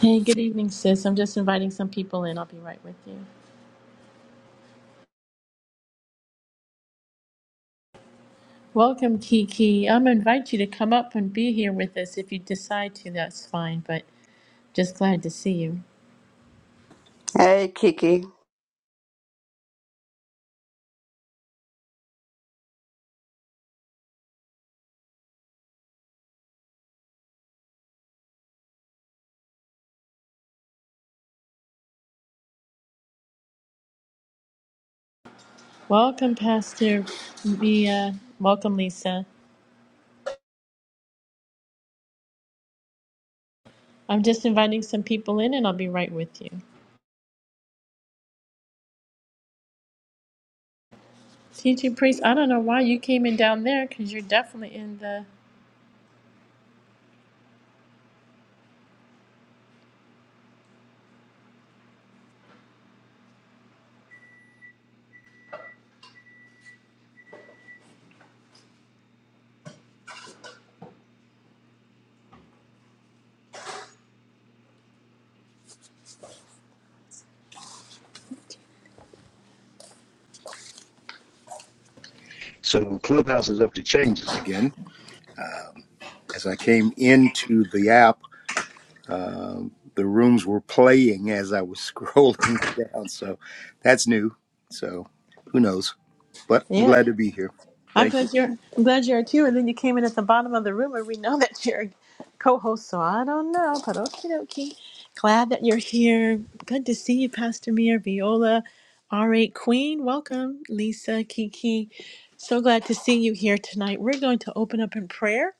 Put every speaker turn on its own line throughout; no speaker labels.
Hey, good evening, sis. I'm just inviting some people in. I'll be right with you. Welcome, Kiki. I'm gonna invite you to come up and be here with us. If you decide to, that's fine, but just glad to see you.
Hey, Kiki.
Welcome, Pastor Mia. Welcome, Lisa. I'm just inviting some people in and I'll be right with you. Teaching priest, I don't know why you came in down there because you're definitely in the.
So Clubhouse is up to changes again. As I came into the app, the rooms were playing as I was scrolling down. So that's new. So who knows? But I'm
Yeah.
glad to be here.
I'm
Thank you.
glad you're I'm glad you're too. And then you came in at the bottom of the room where we know that you're a co-host, so I don't know. But okie dokie. Glad that you're here. Good to see you, Pastor Mir, Viola, R8 Queen. Welcome, Lisa, Kiki. So glad to see you here tonight. We're going to open up in prayer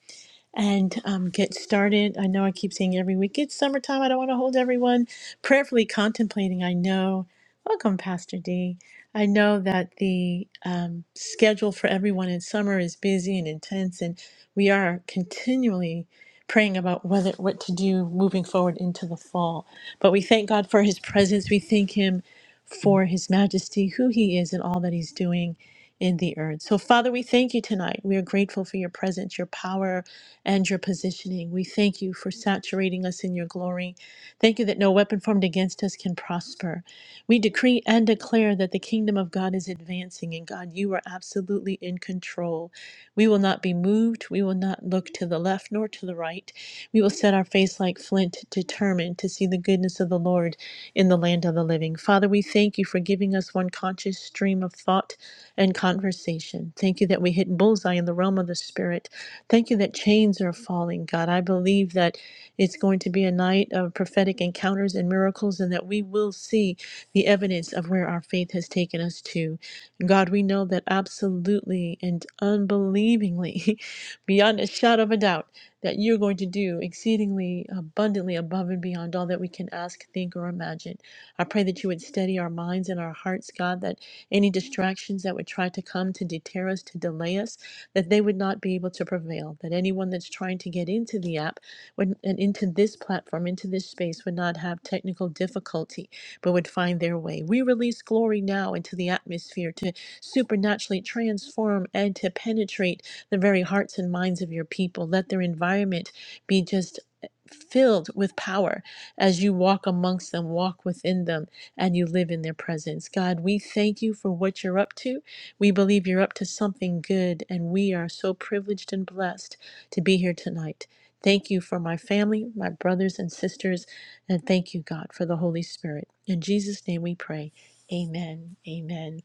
and um, get started. I know I keep saying every week, it's summertime. I don't want to hold everyone. Prayerfully contemplating, I know. Welcome, Pastor D. I know that the um, schedule for everyone in summer is busy and intense, and we are continually praying about whether what to do moving forward into the fall. But we thank God for His presence. We thank Him for His majesty, who He is, and all that He's doing in the earth. So, Father, we thank you tonight. We are grateful for your presence, your power, and your positioning. We thank you for saturating us in your glory. Thank you that no weapon formed against us can prosper. We decree and declare that the kingdom of God is advancing, and God, you are absolutely in control. We will not be moved. We will not look to the left nor to the right. We will set our face like flint, determined to see the goodness of the Lord in the land of the living. Father, we thank you for giving us one conscious stream of thought and conversation. Thank you that we hit bullseye in the realm of the Spirit. Thank you that chains are falling, God. I believe that it's going to be a night of prophetic encounters and miracles, and that we will see the evidence of where our faith has taken us to. God, we know that absolutely and unbelievingly, beyond a shadow of a doubt, that you're going to do exceedingly abundantly above and beyond all that we can ask, think, or imagine. I pray that you would steady our minds and our hearts, God, that any distractions that would try to come to deter us, to delay us, that they would not be able to prevail, that anyone that's trying to get into the app would, and into this platform, into this space, would not have technical difficulty, but would find their way. We release glory now into the atmosphere to supernaturally transform and to penetrate the very hearts and minds of your people. Let their environment be just eh, filled with power as you walk amongst them, walk within them, and you live in their presence. God, we thank you for what you're up to. We believe you're up to something good, and we are so privileged and blessed to be here tonight. Thank you for my family, my brothers and sisters, and thank you, God, for the Holy Spirit. In Jesus' name we pray. Amen. Amen.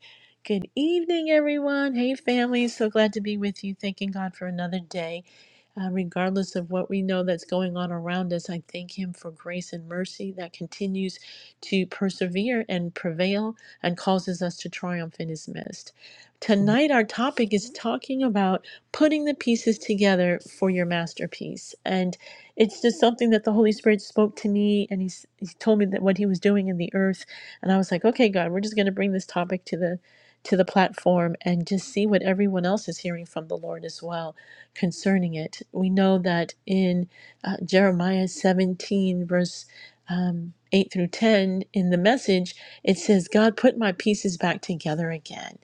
Good evening, everyone. Hey, family. So glad to be with you. Thanking God for another day. Uh, regardless of what we know that's going on around us, I thank Him for grace and mercy that continues to persevere and prevail and causes us to triumph in His midst. Tonight, our topic is talking about putting the pieces together for your masterpiece. And it's just something that the Holy Spirit spoke to me, and he's, he told me that what he was doing in the earth. And I was like, okay, God, we're just going to bring this topic to the to the platform and just see what everyone else is hearing from the Lord as well concerning it. We know that in uh, Jeremiah 17, verse um, 8 through 10, in the message, it says, God, put my pieces back together again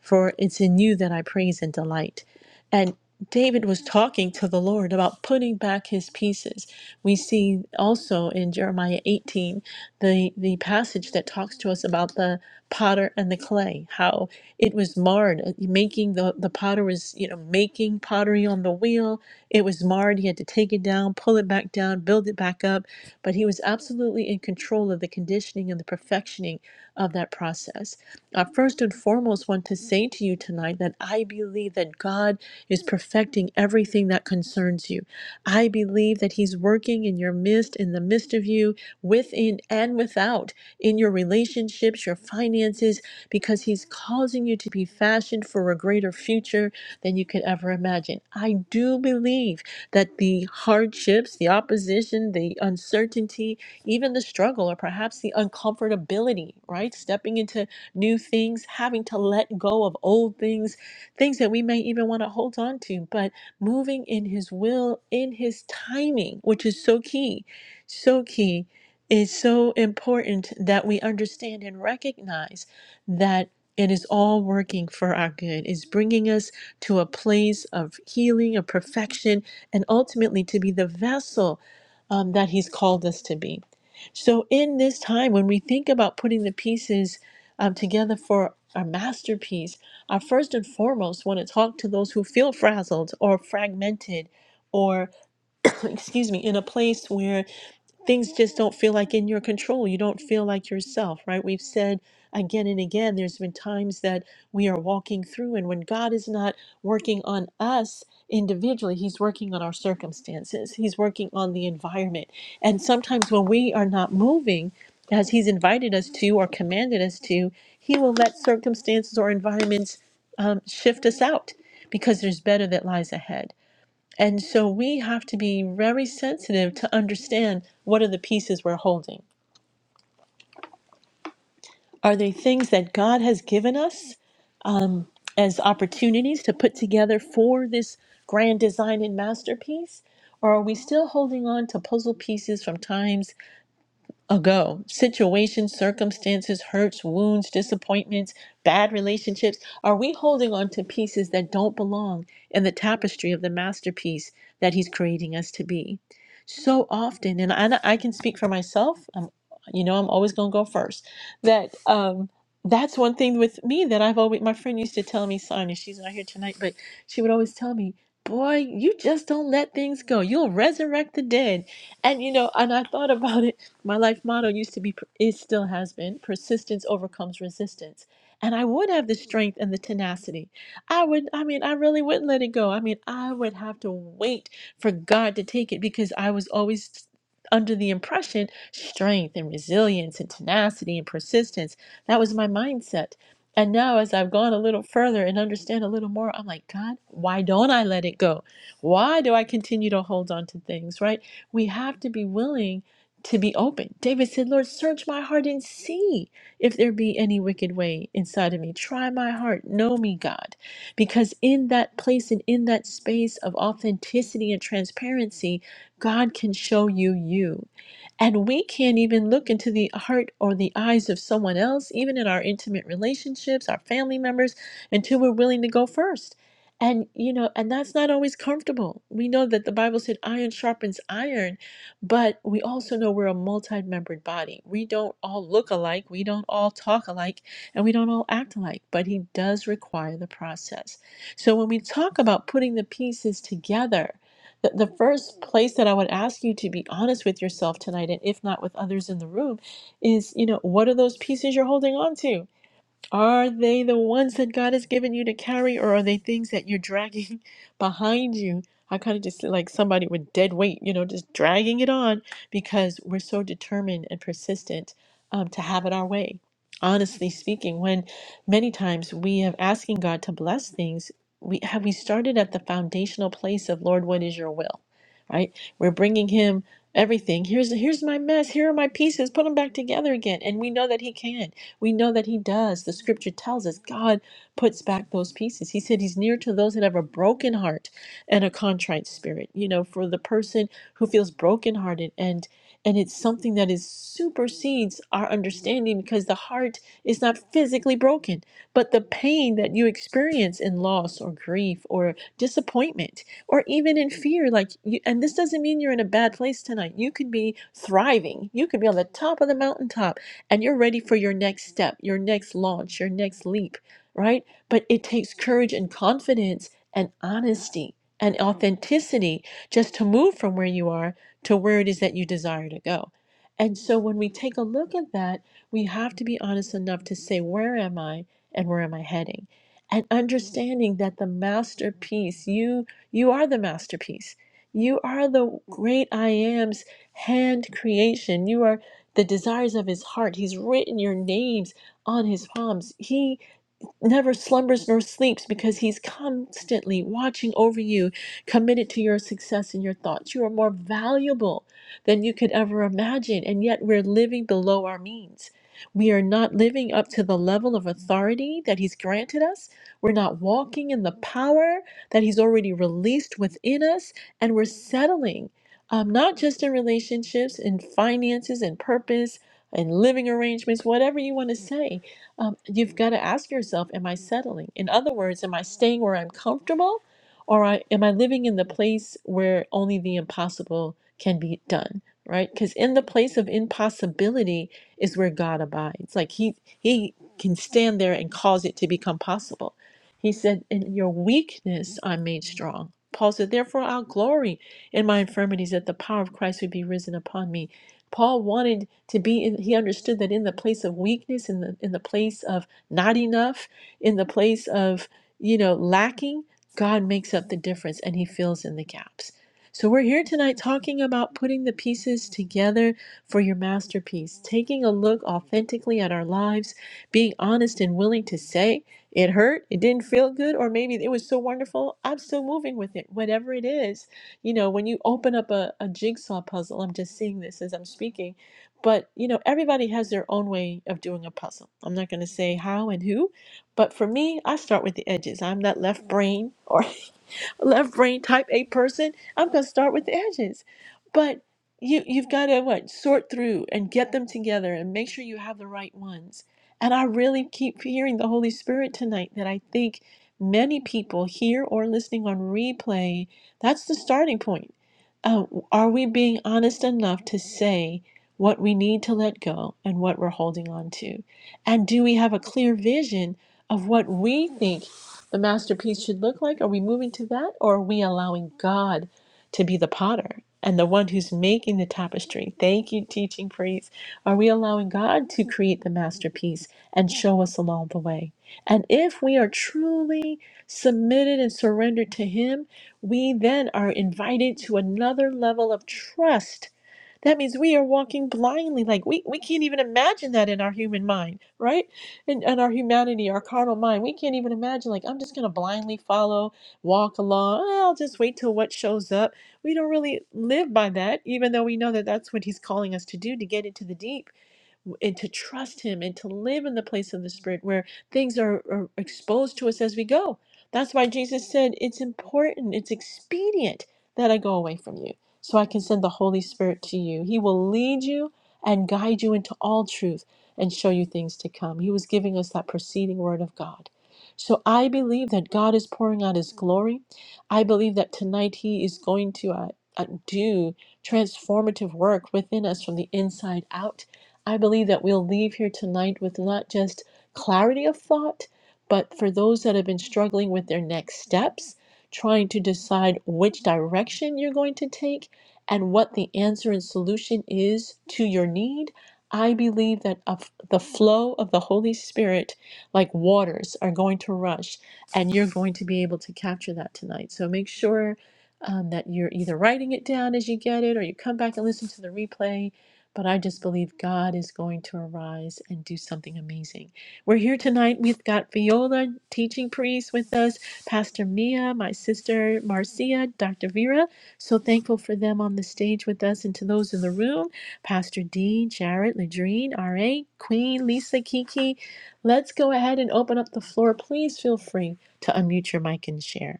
for it's in you that I praise and delight. And David was talking to the Lord about putting back his pieces. We see also in Jeremiah 18 the, the passage that talks to us about the potter and the clay, how it was marred, uh, making the, the potter was, you know, making pottery on the wheel. It was marred. He had to take it down, pull it back down, build it back up. But he was absolutely in control of the conditioning and the perfectioning of that process. I first and foremost want to say to you tonight that I believe that God is perfecting everything that concerns you. I believe that He's working in your midst, in the midst of you, within and without, in your relationships, your finances, because He's causing you to be fashioned for a greater future than you could ever imagine. I do believe that the hardships, the opposition, the uncertainty, even the struggle, or perhaps the uncomfortability, right? Stepping into new things, having to let go of old things, things that we may even want to hold on to, but moving in His will, in His timing, which is so key, so key. Is so important that we understand and recognize that it is all working for our good. is bringing us to a place of healing, of perfection, and ultimately to be the vessel um, that He's called us to be. So, in this time, when we think about putting the pieces um, together for our masterpiece, I first and foremost want to talk to those who feel frazzled or fragmented or, excuse me, in a place where things just don't feel like in your control. You don't feel like yourself, right? We've said again and again, there's been times that we are walking through, and when God is not working on us individually, He's working on our circumstances, He's working on the environment. And sometimes when we are not moving, as he's invited us to or commanded us to, he will let circumstances or environments um, shift us out because there's better that lies ahead. And so we have to be very sensitive to understand what are the pieces we're holding. Are they things that God has given us as opportunities to put together for this grand design and masterpiece? Or are we still holding on to puzzle pieces from times? ago. Situations, circumstances, hurts, wounds, disappointments, bad relationships. Are we holding on to pieces that don't belong in the tapestry of the masterpiece that He's creating us to be? So often, and I, I can speak for myself. I'm, you know, I'm always going to go first. That um, that's one thing with me that I've always. My friend used to tell me, Sonia, she's not here tonight, but she would always tell me. Boy, you just don't let things go. You'll resurrect the dead. And you know, and I thought about it my life motto used to be, it still has been, persistence overcomes resistance. And I would have the strength and the tenacity. I would, I mean, I really wouldn't let it go. I mean, I would have to wait for God to take it because I was always under the impression strength and resilience and tenacity and persistence. That was my mindset. And now, as I've gone a little further and understand a little more, I'm like, God, why don't I let it go? Why do I continue to hold on to things, right? We have to be willing to be open. David said, Lord, search my heart and see if there be any wicked way inside of me. Try my heart. Know me, God. Because in that place and in that space of authenticity and transparency, God can show you you. And we can't even look into the heart or the eyes of someone else, even in our intimate relationships, our family members, until we're willing to go first. And, you know, and that's not always comfortable. We know that the Bible said iron sharpens iron, but we also know we're a multi membered body. We don't all look alike, we don't all talk alike, and we don't all act alike, but He does require the process. So when we talk about putting the pieces together, the, the first place that I would ask you to be honest with yourself tonight, and if not with others in the room, is you know, what are those pieces you're holding on to? Are they the ones that God has given you to carry, or are they things that you're dragging behind you? I kind of just like somebody with dead weight, you know, just dragging it on because we're so determined and persistent um, to have it our way. Honestly speaking, when many times we have asking God to bless things, we have we started at the foundational place of Lord, what is your will, right? We're bringing Him everything. Here's here's my mess. Here are my pieces. Put them back together again, and we know that He can. We know that He does. The scripture tells us God puts back those pieces. He said He's near to those that have a broken heart and a contrite spirit. You know, for the person who feels brokenhearted and and it's something that is supersedes our understanding because the heart is not physically broken, but the pain that you experience in loss or grief or disappointment or even in fear like you, and this doesn't mean you're in a bad place tonight. You could be thriving. You could be on the top of the mountaintop and you're ready for your next step, your next launch, your next leap, right? But it takes courage and confidence and honesty and authenticity just to move from where you are to where it is that you desire to go. And so when we take a look at that, we have to be honest enough to say, where am I and where am I heading? And understanding that the masterpiece, you you are the masterpiece. You are the great I am's hand creation. You are the desires of his heart. He's written your names on his palms. He never slumbers nor sleeps because he's constantly watching over you, committed to your success and your thoughts. You are more valuable than you could ever imagine, and yet we're living below our means. We are not living up to the level of authority that he's granted us. We're not walking in the power that he's already released within us, and we're settling, um, not just in relationships, in finances and purpose and living arrangements, whatever you want to say um, you've got to ask yourself am i settling in other words am i staying where i'm comfortable or I, am i living in the place where only the impossible can be done right because in the place of impossibility is where god abides like he he can stand there and cause it to become possible he said in your weakness i'm made strong paul said therefore i'll glory in my infirmities that the power of christ would be risen upon me paul wanted to be in he understood that in the place of weakness in the in the place of not enough in the place of you know lacking god makes up the difference and he fills in the gaps so we're here tonight talking about putting the pieces together for your masterpiece taking a look authentically at our lives being honest and willing to say it hurt it didn't feel good or maybe it was so wonderful i'm still moving with it whatever it is you know when you open up a, a jigsaw puzzle i'm just seeing this as i'm speaking but you know, everybody has their own way of doing a puzzle. I'm not going to say how and who, but for me, I start with the edges. I'm that left brain or left brain type A person. I'm going to start with the edges. But you you've got to what sort through and get them together and make sure you have the right ones. And I really keep hearing the Holy Spirit tonight that I think many people here or listening on replay, that's the starting point uh, are we being honest enough to say what we need to let go and what we're holding on to? And do we have a clear vision of what we think the masterpiece should look like? Are we moving to that? Or are we allowing God to be the potter and the one who's making the tapestry? Thank you, teaching priest. Are we allowing God to create the masterpiece and show us along the way? And if we are truly submitted and surrendered to Him, we then are invited to another level of trust. That means we are walking blindly. Like we, we can't even imagine that in our human mind, right? In, in our humanity, our carnal mind, we can't even imagine, like, I'm just going to blindly follow, walk along. "Ah, I'll just wait till what shows up. We don't really live by that, even though we know that that's what he's calling us to do to get into the deep and to trust Him and to live in the place of the Spirit where things are, are exposed to us as we go. That's why Jesus said, It's important, it's expedient that I go away from you so I can send the Holy Spirit to you. He will lead you and guide you into all truth and show you things to come. He was giving us that preceding word of God. So I believe that God is pouring out His glory. I believe that tonight He is going to uh, uh, do transformative work within us from the inside out I believe that we'll leave here tonight with not just clarity of thought, but for those that have been struggling with their next steps, trying to decide which direction you're going to take and what the answer and solution is to your need. I believe that of the flow of the Holy Spirit, like waters, are going to rush, and you're going to be able to capture that tonight. So make sure um, that you're either writing it down as you get it, or you come back and listen to the replay, but I just believe God is going to arise and do something amazing. We're here tonight. We've got Viola, teaching priest, with us, Pastor Mia, my sister Marcia, Dr. Vera. So thankful for them on the stage with us and to those in the room Pastor D, Jared, Ladrine, R.A., Queen, Lisa, Kiki. Let's go ahead and open up the floor. Please feel free to unmute your mic and share.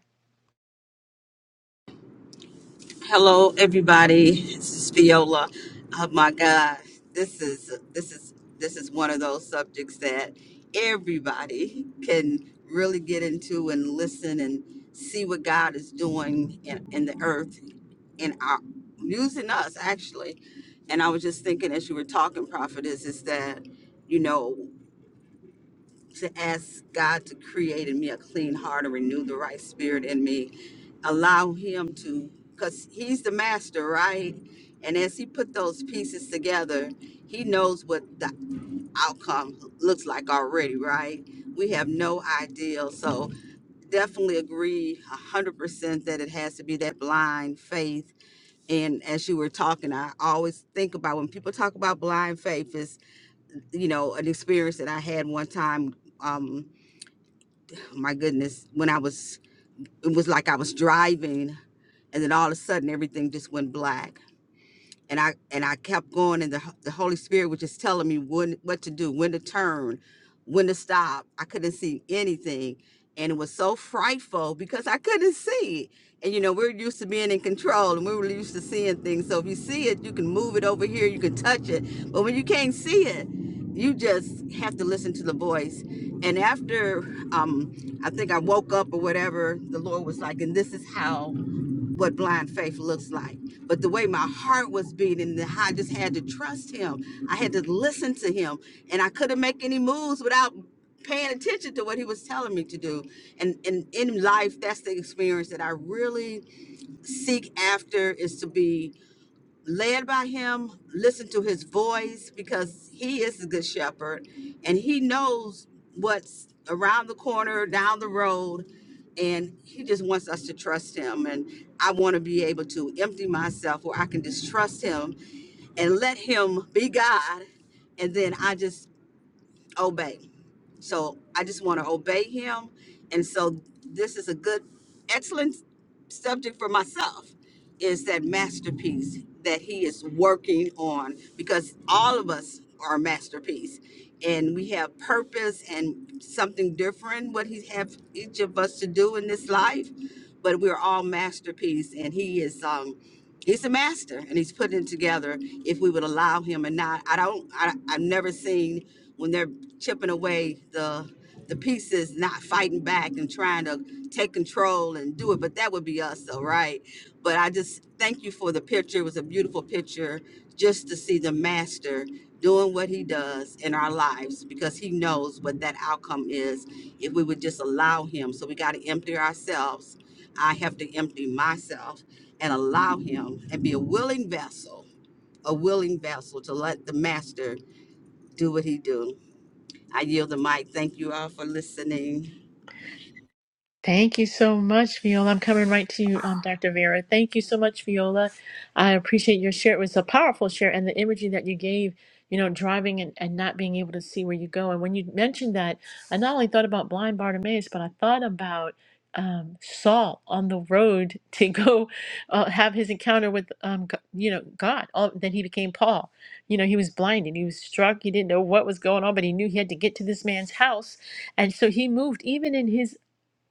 Hello, everybody. This is Viola. Oh my God, this is this is this is one of those subjects that everybody can really get into and listen and see what God is doing in, in the earth and our, using us actually. And I was just thinking as you were talking, prophetess, is that you know. to ask God to create in me a clean heart and renew the right spirit in me. Allow Him to, because He's the master, right? And as He put those pieces together, He knows what the outcome looks like already, right? We have no idea. So definitely agree 100% that it has to be that blind faith. And as you were talking, I always think about when people talk about blind faith, is, you know, an experience that I had one time. Um, my goodness, when I was, it was like I was driving and then all of a sudden everything just went black and I and I kept going, and the Ho- the Holy Spirit was just telling me when what to do, when to turn, when to stop. I couldn't see anything, and it was so frightful because I couldn't see it. And you know, we're used to being in control, and we were used to seeing things. So if you see it, you can move it over here, you can touch it. But when you can't see it, you just have to listen to the voice. And after um, I think I woke up or whatever, the Lord was like, and this is how what blind faith looks like. But the way my heart was beating, the- I just had to trust him. I had to listen to him, and I couldn't make any moves without paying attention to what he was telling me to do. And and in life, that's the experience that I really seek after is to be led by him, listen to his voice because he is the good shepherd and he knows what's around the corner, down the road, and he just wants us to trust him. And I want to be able to empty myself where I can just trust him and let him be God. And then I just obey. So I just want to obey him. And so this is a good, excellent subject for myself is that masterpiece that he is working on because all of us are a masterpiece and we have purpose and something different what he have each of us to do in this life but we're all masterpiece and he is um he's a master and he's putting it together if we would allow him and not i don't I, i've never seen when they're chipping away the the pieces, not fighting back and trying to take control and do it. But that would be us, though, right? But I just thank you for the picture. It was a beautiful picture just to see the master doing what he does in our lives because he knows what that outcome is if we would just allow him. So we got to empty ourselves. I have to empty myself and allow him and be a willing vessel, a willing vessel to let the master do what he do. I yield the mic. Thank you all for listening.
Thank you so much, Viola. I'm coming right to you, um, Dr. Vera. Thank you so much, Viola. I appreciate your share. It was a powerful share and the imagery that you gave, you know, driving and, and not being able to see where you go. And when you mentioned that, I not only thought about blind Bartimaeus, but I thought about um, Saul on the road to go uh, have his encounter with, um, G- you know, God. All, then he became Paul. You know, he was blinded. He was struck. He didn't know what was going on, but he knew he had to get to this man's house. And so he moved, even in his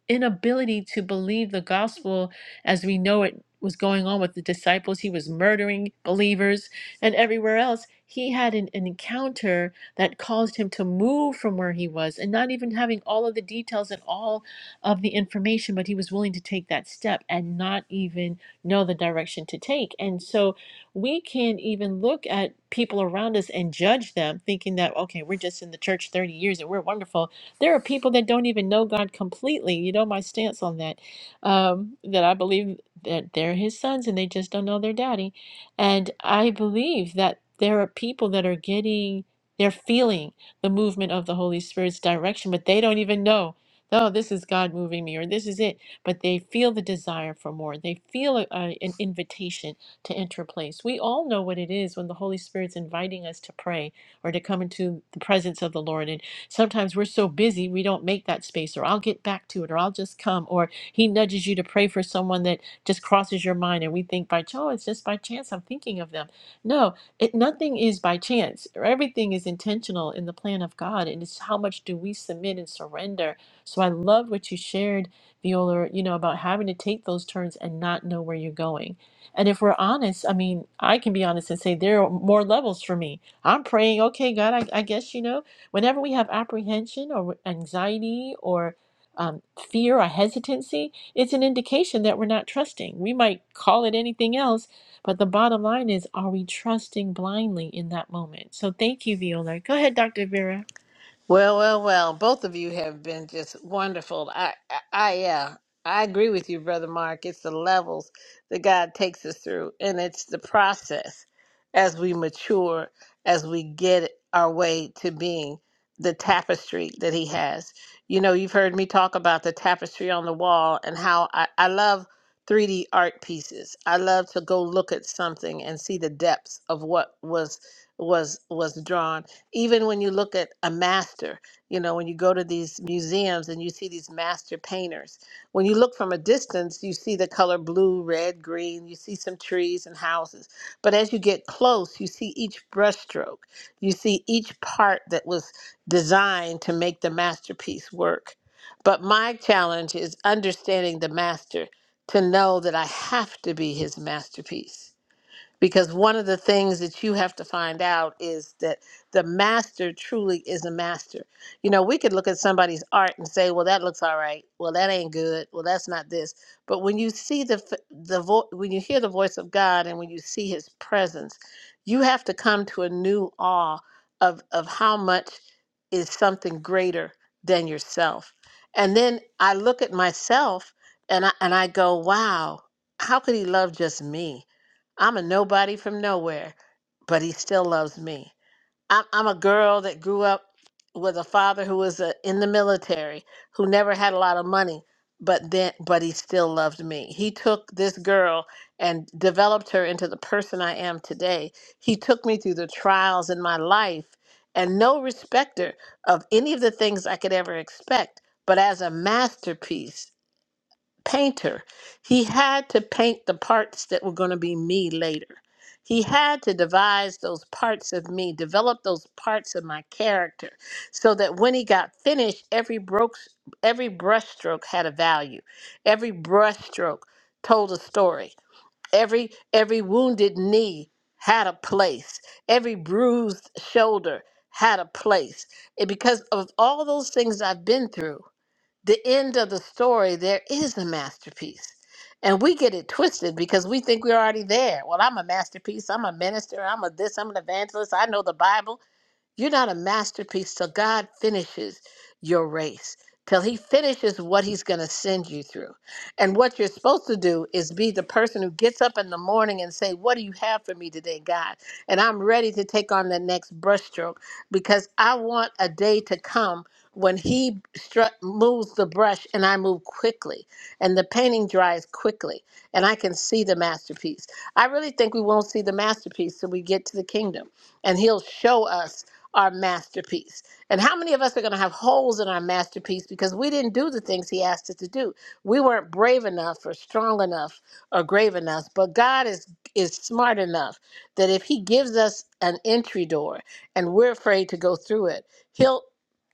inability to believe the gospel as we know it was going on with the disciples. He was murdering believers and everywhere else. He had an, an encounter that caused him to move from where he was and not even having all of the details and all of the information, but he was willing to take that step and not even know the direction to take. And so we can't even look at people around us and judge them thinking that, okay, we're just in the church 30 years and we're wonderful there are people that don't even know God completely. You know my stance on that. Um, that I believe that they're His sons and they just don't know their daddy. And I believe that there are people that are getting, they're feeling the movement of the Holy Spirit's direction, but they don't even know. Oh, this is God moving me, or this is it. But they feel the desire for more. They feel a, a, an invitation to enter a place. We all know what it is when the Holy Spirit's inviting us to pray or to come into the presence of the Lord Sometimes we're so busy, we don't make that space, or I'll get back to it, or I'll just come, or He nudges you to pray for someone that just crosses your mind, and we think by, oh, it's just by chance I'm thinking of them. No, it, nothing is by chance. Everything is intentional in the plan of God, and it's how much do we submit and surrender. So I love what you shared, Viola, you know, about having to take those turns and not know where you're going. And if we're honest, I mean, I can be honest and say there are more levels for me. I'm praying, okay, God, I, I guess you know. Whenever we have apprehension or anxiety or um, fear or hesitancy, it's an indication that we're not trusting. We might call it anything else, but the bottom line is are we trusting blindly in that moment? So thank you, Viola. Go ahead, Dr. Vera.
Well, well, well. Both of you have been just wonderful. I, I, I, uh, I agree with you, brother Mark. It's the levels that God takes us through, and it's the process as we mature, as we get our way to being the tapestry that He has. You know, you've heard me talk about the tapestry on the wall and how I, I love 3D art pieces. I love to go look at something and see the depths of what was was was drawn even when you look at a master, you know, when you go to these museums and you see these master painters, when you look from a distance, you see the color blue, red, green, you see some trees and houses. But as you get close, you see each brushstroke, you see each part that was designed to make the masterpiece work. But my challenge is understanding the master to know that I have to be his masterpiece because one of the things that you have to find out is that the master truly is a master. You know, we could look at somebody's art and say, "Well, that looks all right. Well, that ain't good. Well, that's not this." But when you see the f- the vo- when you hear the voice of God and when you see His presence, you have to come to a new awe of of how much is something greater than yourself. And then I look at myself and I and I go, "Wow, how could He love just me?" I'm a nobody from nowhere, but he still loves me. I'm, I'm a girl that grew up with a father who was uh in the military, who never had a lot of money, but then but he still loved me. He took this girl and developed her into the person I am today. He took me through the trials in my life and no respecter of any of the things I could ever expect, but as a masterpiece painter. He had to paint the parts that were going to be me later. He had to devise those parts of me, develop those parts of my character, so that when he got finished, every broke, every brushstroke had a value. Every brushstroke told a story. Every every wounded knee had a place. Every bruised shoulder had a place. And because of all those things I've been through, the end of the story, there is a masterpiece. And we get it twisted because we think we're already there. Well, I'm a masterpiece. I'm a minister. I'm a this. I'm an evangelist. I know the Bible. You're not a masterpiece till God finishes your race, till He finishes what He's going to send you through. And what you're supposed to do is be the person who gets up in the morning and say, What do you have for me today, God? And I'm ready to take on the next brushstroke because I want a day to come when He stru- moves the brush and I move quickly and the painting dries quickly and I can see the masterpiece. I really think we won't see the masterpiece till we get to the kingdom and He'll show us our masterpiece. And how many of us are going to have holes in our masterpiece because we didn't do the things He asked us to do? We weren't brave enough, or strong enough, or grave enough. But God is is smart enough that if He gives us an entry door and we're afraid to go through it, He'll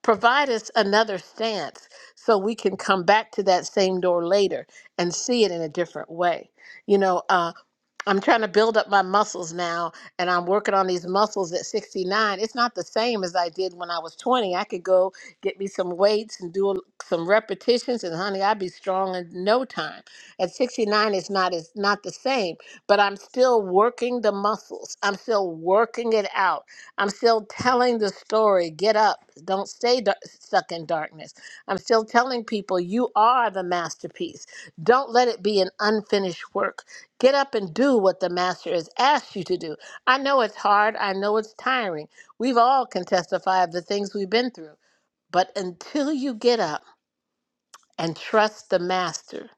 provide us another stance so we can come back to that same door later and see it in a different way. You know, uh, I'm trying to build up my muscles now, and I'm working on these muscles at 69. It's not the same as I did when I was 20. I could go get me some weights and do a- some repetitions, and honey, I'd be strong in no time. At 69, it's not it's not the same, but I'm still working the muscles. I'm still working it out. I'm still telling the story. Get up! Don't stay dar- stuck in darkness. I'm still telling people you are the masterpiece. Don't let it be an unfinished work Get up and do what the master has asked you to do. I know it's hard. I know it's tiring. We've all can testify of the things we've been through. But until you get up and trust the master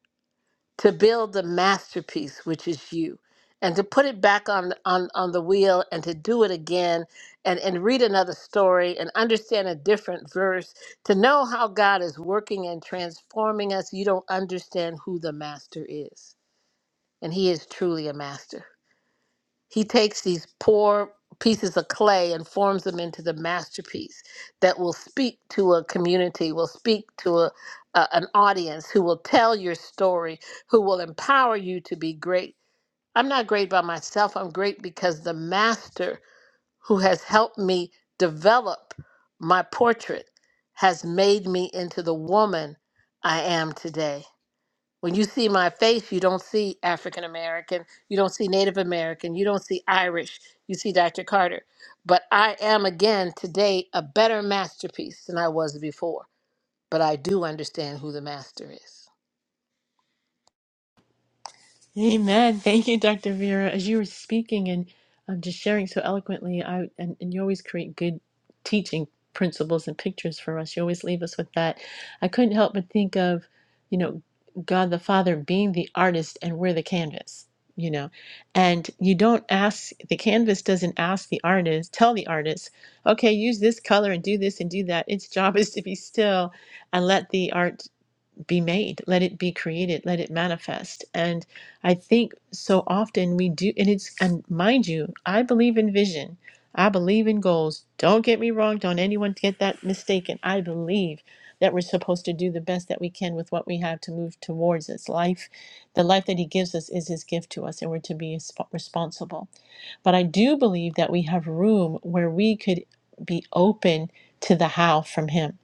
to build the masterpiece, which is you, and to put it back on, on, on the wheel and to do it again and, and read another story and understand a different verse, to know how God is working and transforming us, you don't understand who the master is. And he is truly a master. He takes these poor pieces of clay and forms them into the masterpiece that will speak to a community, will speak to a, a, an audience, who will tell your story, who will empower you to be great. I'm not great by myself, I'm great because the master who has helped me develop my portrait has made me into the woman I am today. When you see my face, you don't see African American, you don't see Native American, you don't see Irish, you see Dr. Carter. But I am again today a better masterpiece than I was before. But I do understand who the master is.
Amen. Thank you, Dr. Vera. As you were speaking and um, just sharing so eloquently, I and, and you always create good teaching principles and pictures for us. You always leave us with that. I couldn't help but think of, you know, God the Father being the artist and we're the canvas, you know. And you don't ask, the canvas doesn't ask the artist, tell the artist, okay, use this color and do this and do that. Its job is to be still and let the art be made let it be created let it manifest and i think so often we do and it's and mind you i believe in vision i believe in goals don't get me wrong don't anyone get that mistaken i believe that we're supposed to do the best that we can with what we have to move towards this life the life that he gives us is his gift to us and we're to be resp- responsible but i do believe that we have room where we could be open to the how from him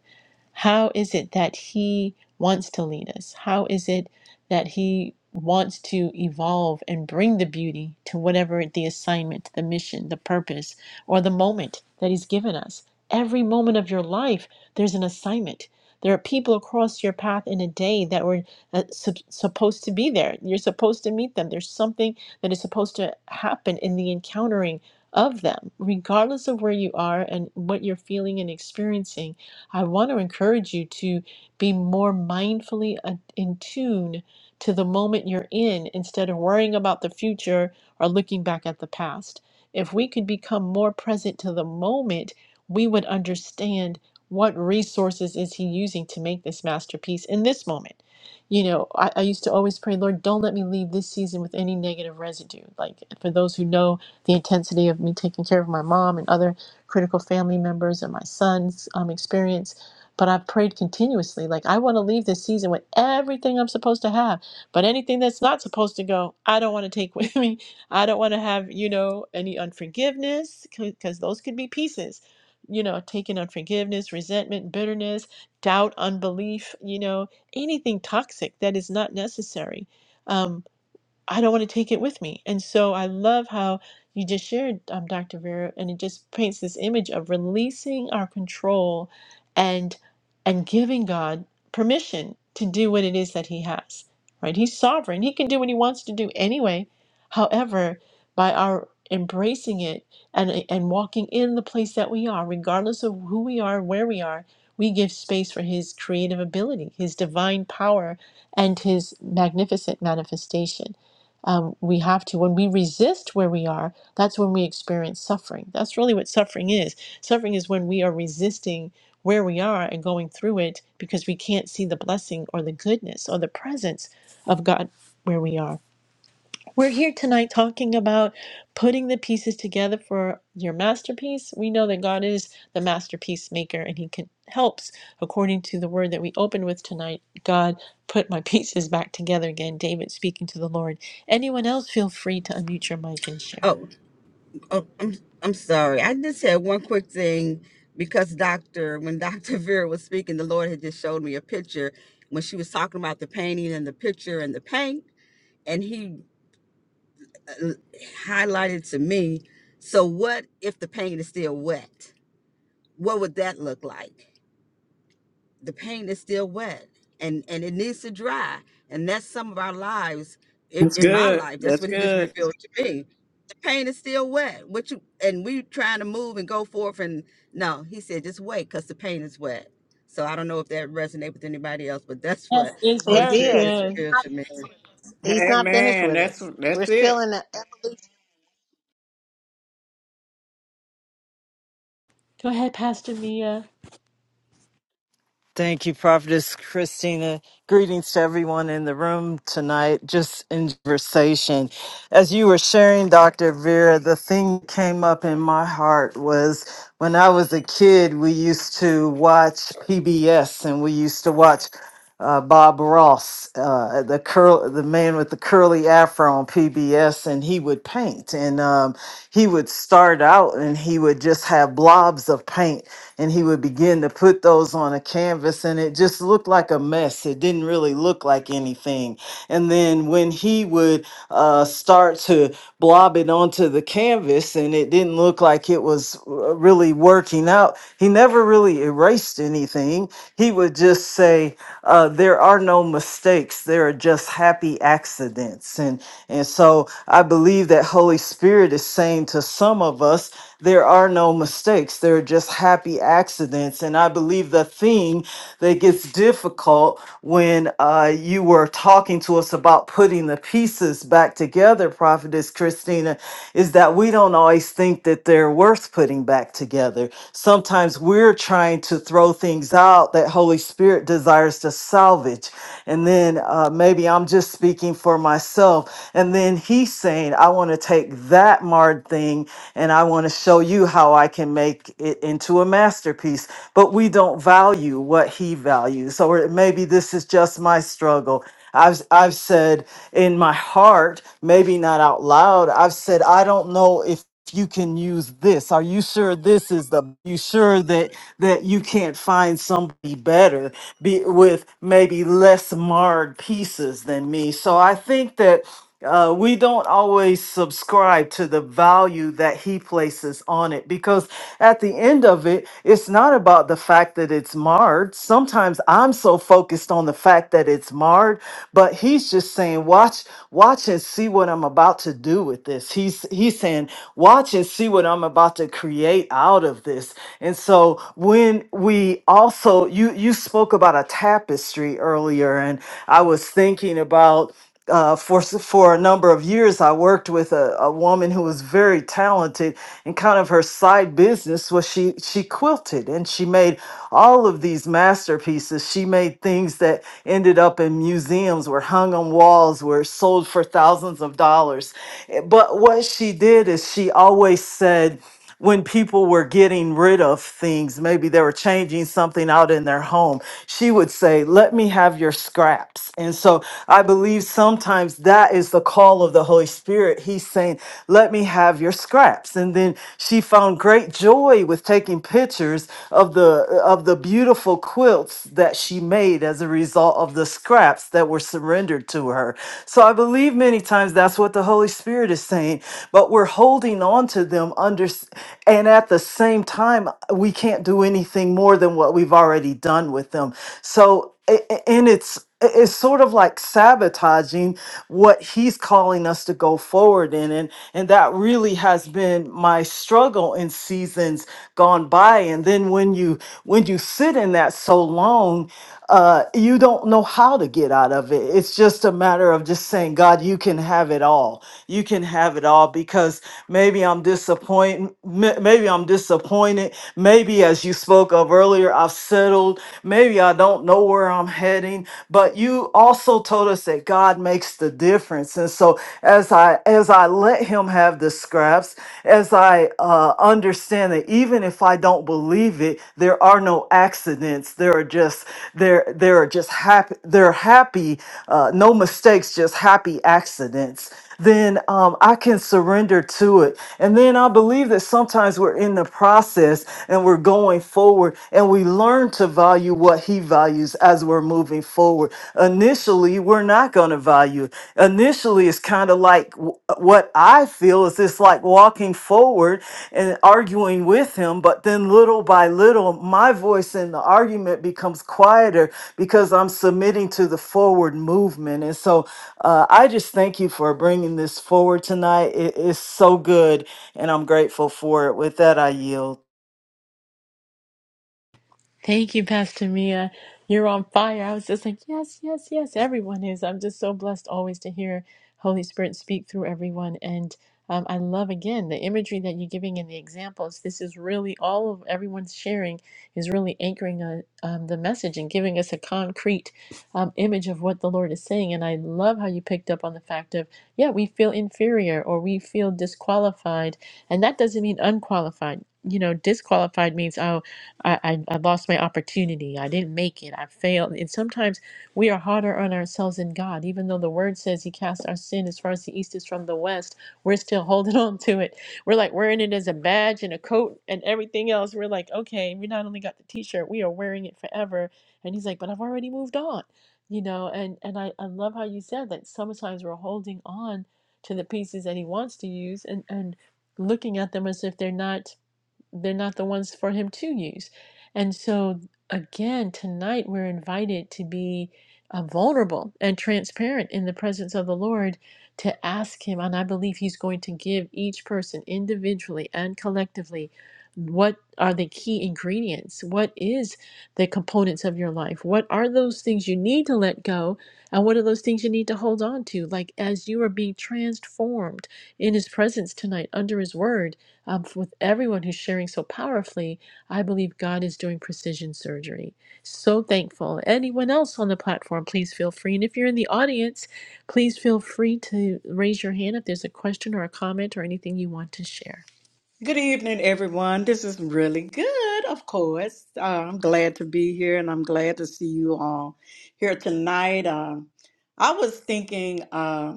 how is it that He wants to lead us? How is it that He wants to evolve and bring the beauty to whatever the assignment, the mission, the purpose, or the moment that He's given us? Every moment of your life, there's an assignment. There are people across your path in a day that were uh, sup- supposed to be there. You're supposed to meet them. There's something that is supposed to happen in the encountering of them, regardless of where you are and what you're feeling and experiencing I want to encourage you to be more mindfully a- in tune to the moment you're in instead of worrying about the future or looking back at the past. If we could become more present to the moment, we would understand what resources is he using to make this masterpiece in this moment. You know, I, I used to always pray, Lord, don't let me leave this season with any negative residue. Like for those who know the intensity of me taking care of my mom and other critical family members and my son's um, experience. But I've prayed continuously. Like, I want to leave this season with everything I'm supposed to have. But anything that's not supposed to go, I don't want to take with me. I don't want to have, you know, any unforgiveness, because those could be pieces, you know, taking unforgiveness, resentment, bitterness, doubt, unbelief, you know, anything toxic that is not necessary. Um, I don't want to take it with me. And so I love how you just shared, um, Dr. Vera, and it just paints this image of releasing our control and and giving God permission to do what it is that He has. Right? He's sovereign. He can do what He wants to do anyway. However, by our embracing it and and walking in the place that we are, regardless of who we are, where we are, we give space for His creative ability, His divine power, and His magnificent manifestation um, we have to. When we resist where we are, that's when we experience suffering. That's really what suffering is. Suffering is when we are resisting where we are and going through it because we can't see the blessing or the goodness or the presence of God where we are. We're here tonight talking about putting the pieces together for your masterpiece. We know that God is the masterpiece maker and he can helps according to the word that we opened with tonight. God put my pieces back together again. David speaking to the Lord. Anyone else feel free to unmute your mic and share.
Oh, oh I'm I'm sorry. I just had one quick thing because Doctor, when Doctor Vera was speaking, the Lord had just showed me a picture when she was talking about the painting and the picture and the paint, and He uh, highlighted to me. So, what if the paint is still wet? What would that look like? the pain is still wet and and it needs to dry and that's some of our lives in,
That's
in my
good.
life that's
That's
what he just
good.
revealed to me the pain is still wet what you and we trying to move and go forth and no he said just wait because the pain is wet so i don't know if that resonates with anybody else but that's
Yes,
what
it's
holy
It
very
spirit
did.
just
good.
revealed to me
He's
Hey
not finished
man,
with
that's
us. We're
that's
still
it.
in the evolution.
Go ahead, Pastor Mia.
Thank you, Prophetess Christina. Greetings to everyone in the room tonight, just in conversation. As you were sharing, Dr. Vera, the thing that came up in my heart was when I was a kid, we used to watch PBS and we used to watch uh, Bob Ross, uh, the curl, the man with the curly afro on PBS, and he would paint, and um, he would start out and he would just have blobs of paint and he would begin to put those on a canvas and it just looked like a mess it didn't really look like anything and then when he would uh, start to blob it onto the canvas and it didn't look like it was uh, really working out he never really erased anything he would just say uh, there are no mistakes there are just happy accidents and and so i believe that holy spirit is saying to some of us there are no mistakes, there are just happy accidents. And I believe the thing that gets difficult when uh, you were talking to us about putting the pieces back together, Prophetess Christina, is that we don't always think that they're worth putting back together. Sometimes we're trying to throw things out that Holy Spirit desires to salvage. And then uh, maybe I'm just speaking for myself. And then he's saying, I want to take that marred thing and I want to show you how I can make it into a masterpiece. But we don't value what he values. Or maybe this is just my struggle. I've, I've said in my heart, maybe not out loud, I've said, I don't know if you can use this are you sure this is the you sure that that you can't find somebody better be with maybe less marred pieces than me so i think that uh, we don't always subscribe to the value that he places on it because at the end of it, it's not about the fact that it's marred. Sometimes I'm so focused on the fact that it's marred, but he's just saying, "Watch, watch and see what I'm about to do with this." He's he's saying, "Watch and see what I'm about to create out of this." And so when we also you you spoke about a tapestry earlier, and I was thinking about uh, for s- for a number of years, I worked with a, a woman who was very talented, and kind of her side business was she she quilted, and she made all of these masterpieces. She made things that ended up in museums, were hung on walls, were sold for thousands of dollars. Eh, But what she did is she always said when people were getting rid of things, maybe they were changing something out in their home, she would say, Let me have your scraps. And so I believe sometimes that is the call of the Holy Spirit. He's saying, Let me have your scraps. And then she found great joy with taking pictures of the of the beautiful quilts that she made as a result of the scraps that were surrendered to her. So I believe many times that's what the Holy Spirit is saying, but we're holding on to them under and at the same time we can't do anything more than what we've already done with them. So a- a- and it's it's sort of like sabotaging what he's calling us to go forward in and and that really has been my struggle in seasons gone by and then when you when you sit in that so long uh, you don't know how to get out of it. It's just a matter of just saying, God, you can have it all. You can have it all because maybe I'm disappointed. Maybe I'm disappointed. Maybe, as you spoke of earlier, I've settled. Maybe I don't know where I'm heading. But you also told us that God makes the difference, and so as I as I let Him have the scraps, as I uh, understand that even if I don't believe it it there are no accidents there are just there there are just happy there are happy uh, no mistakes just happy accidents then um, i can surrender to it and then i believe that sometimes we're in the process and we're going forward and we learn to value what he values as we're moving forward initially we're not going to value initially it's kind of like w- what i feel is it's like walking forward and arguing with him. But then, little by little, my voice in the argument becomes quieter because I'm submitting to the forward movement. And so, uh, I just thank you for bringing this forward tonight. It is so good, and I'm grateful for it. With that, I yield.
Thank you, Pastor Mia. You're on fire. I was just like, yes, yes, yes, everyone is. I'm just so blessed always to hear Holy Spirit speak through everyone. And um, I love again the imagery that you're giving and the examples. This is really all of everyone's sharing is really anchoring uh um, the message and giving us a concrete um, image of what the Lord is saying. And I love how you picked up on the fact of, yeah, we feel inferior or we feel disqualified. And that doesn't mean unqualified. You know, disqualified means, oh, I, I, I lost my opportunity. I didn't make it. I failed. And sometimes we are harder on ourselves than God, even though the word says He cast our sin as far as the east is from the west. We're still holding on to it. We're like wearing it as a badge and a coat and everything else. We're like, okay, we not only got the t shirt, we are wearing it forever. And He's like, but I've already moved on. You know, and, and I, I love how you said that sometimes we're holding on to the pieces that He wants to use and, and looking at them as if they're not they're not the ones for him to use. And so, again, tonight we're invited to be uh, vulnerable and transparent in the presence of the Lord to ask Him. And I believe He's going to give each person individually and collectively what are the key ingredients? What is the components of your life? What are those things you need to let go? And what are those things you need to hold on to? Like as you are being transformed in His presence tonight under His word um, f- with everyone who's sharing so powerfully, I believe God is doing precision surgery. So thankful. Anyone else on the platform, please feel free. And if you're in the audience, please feel free to raise your hand if there's a question or a comment or anything you want to share.
Good evening, everyone. This is really good, of course. Uh, I'm glad to be here and I'm glad to see you all here tonight. Um, I was thinking, uh,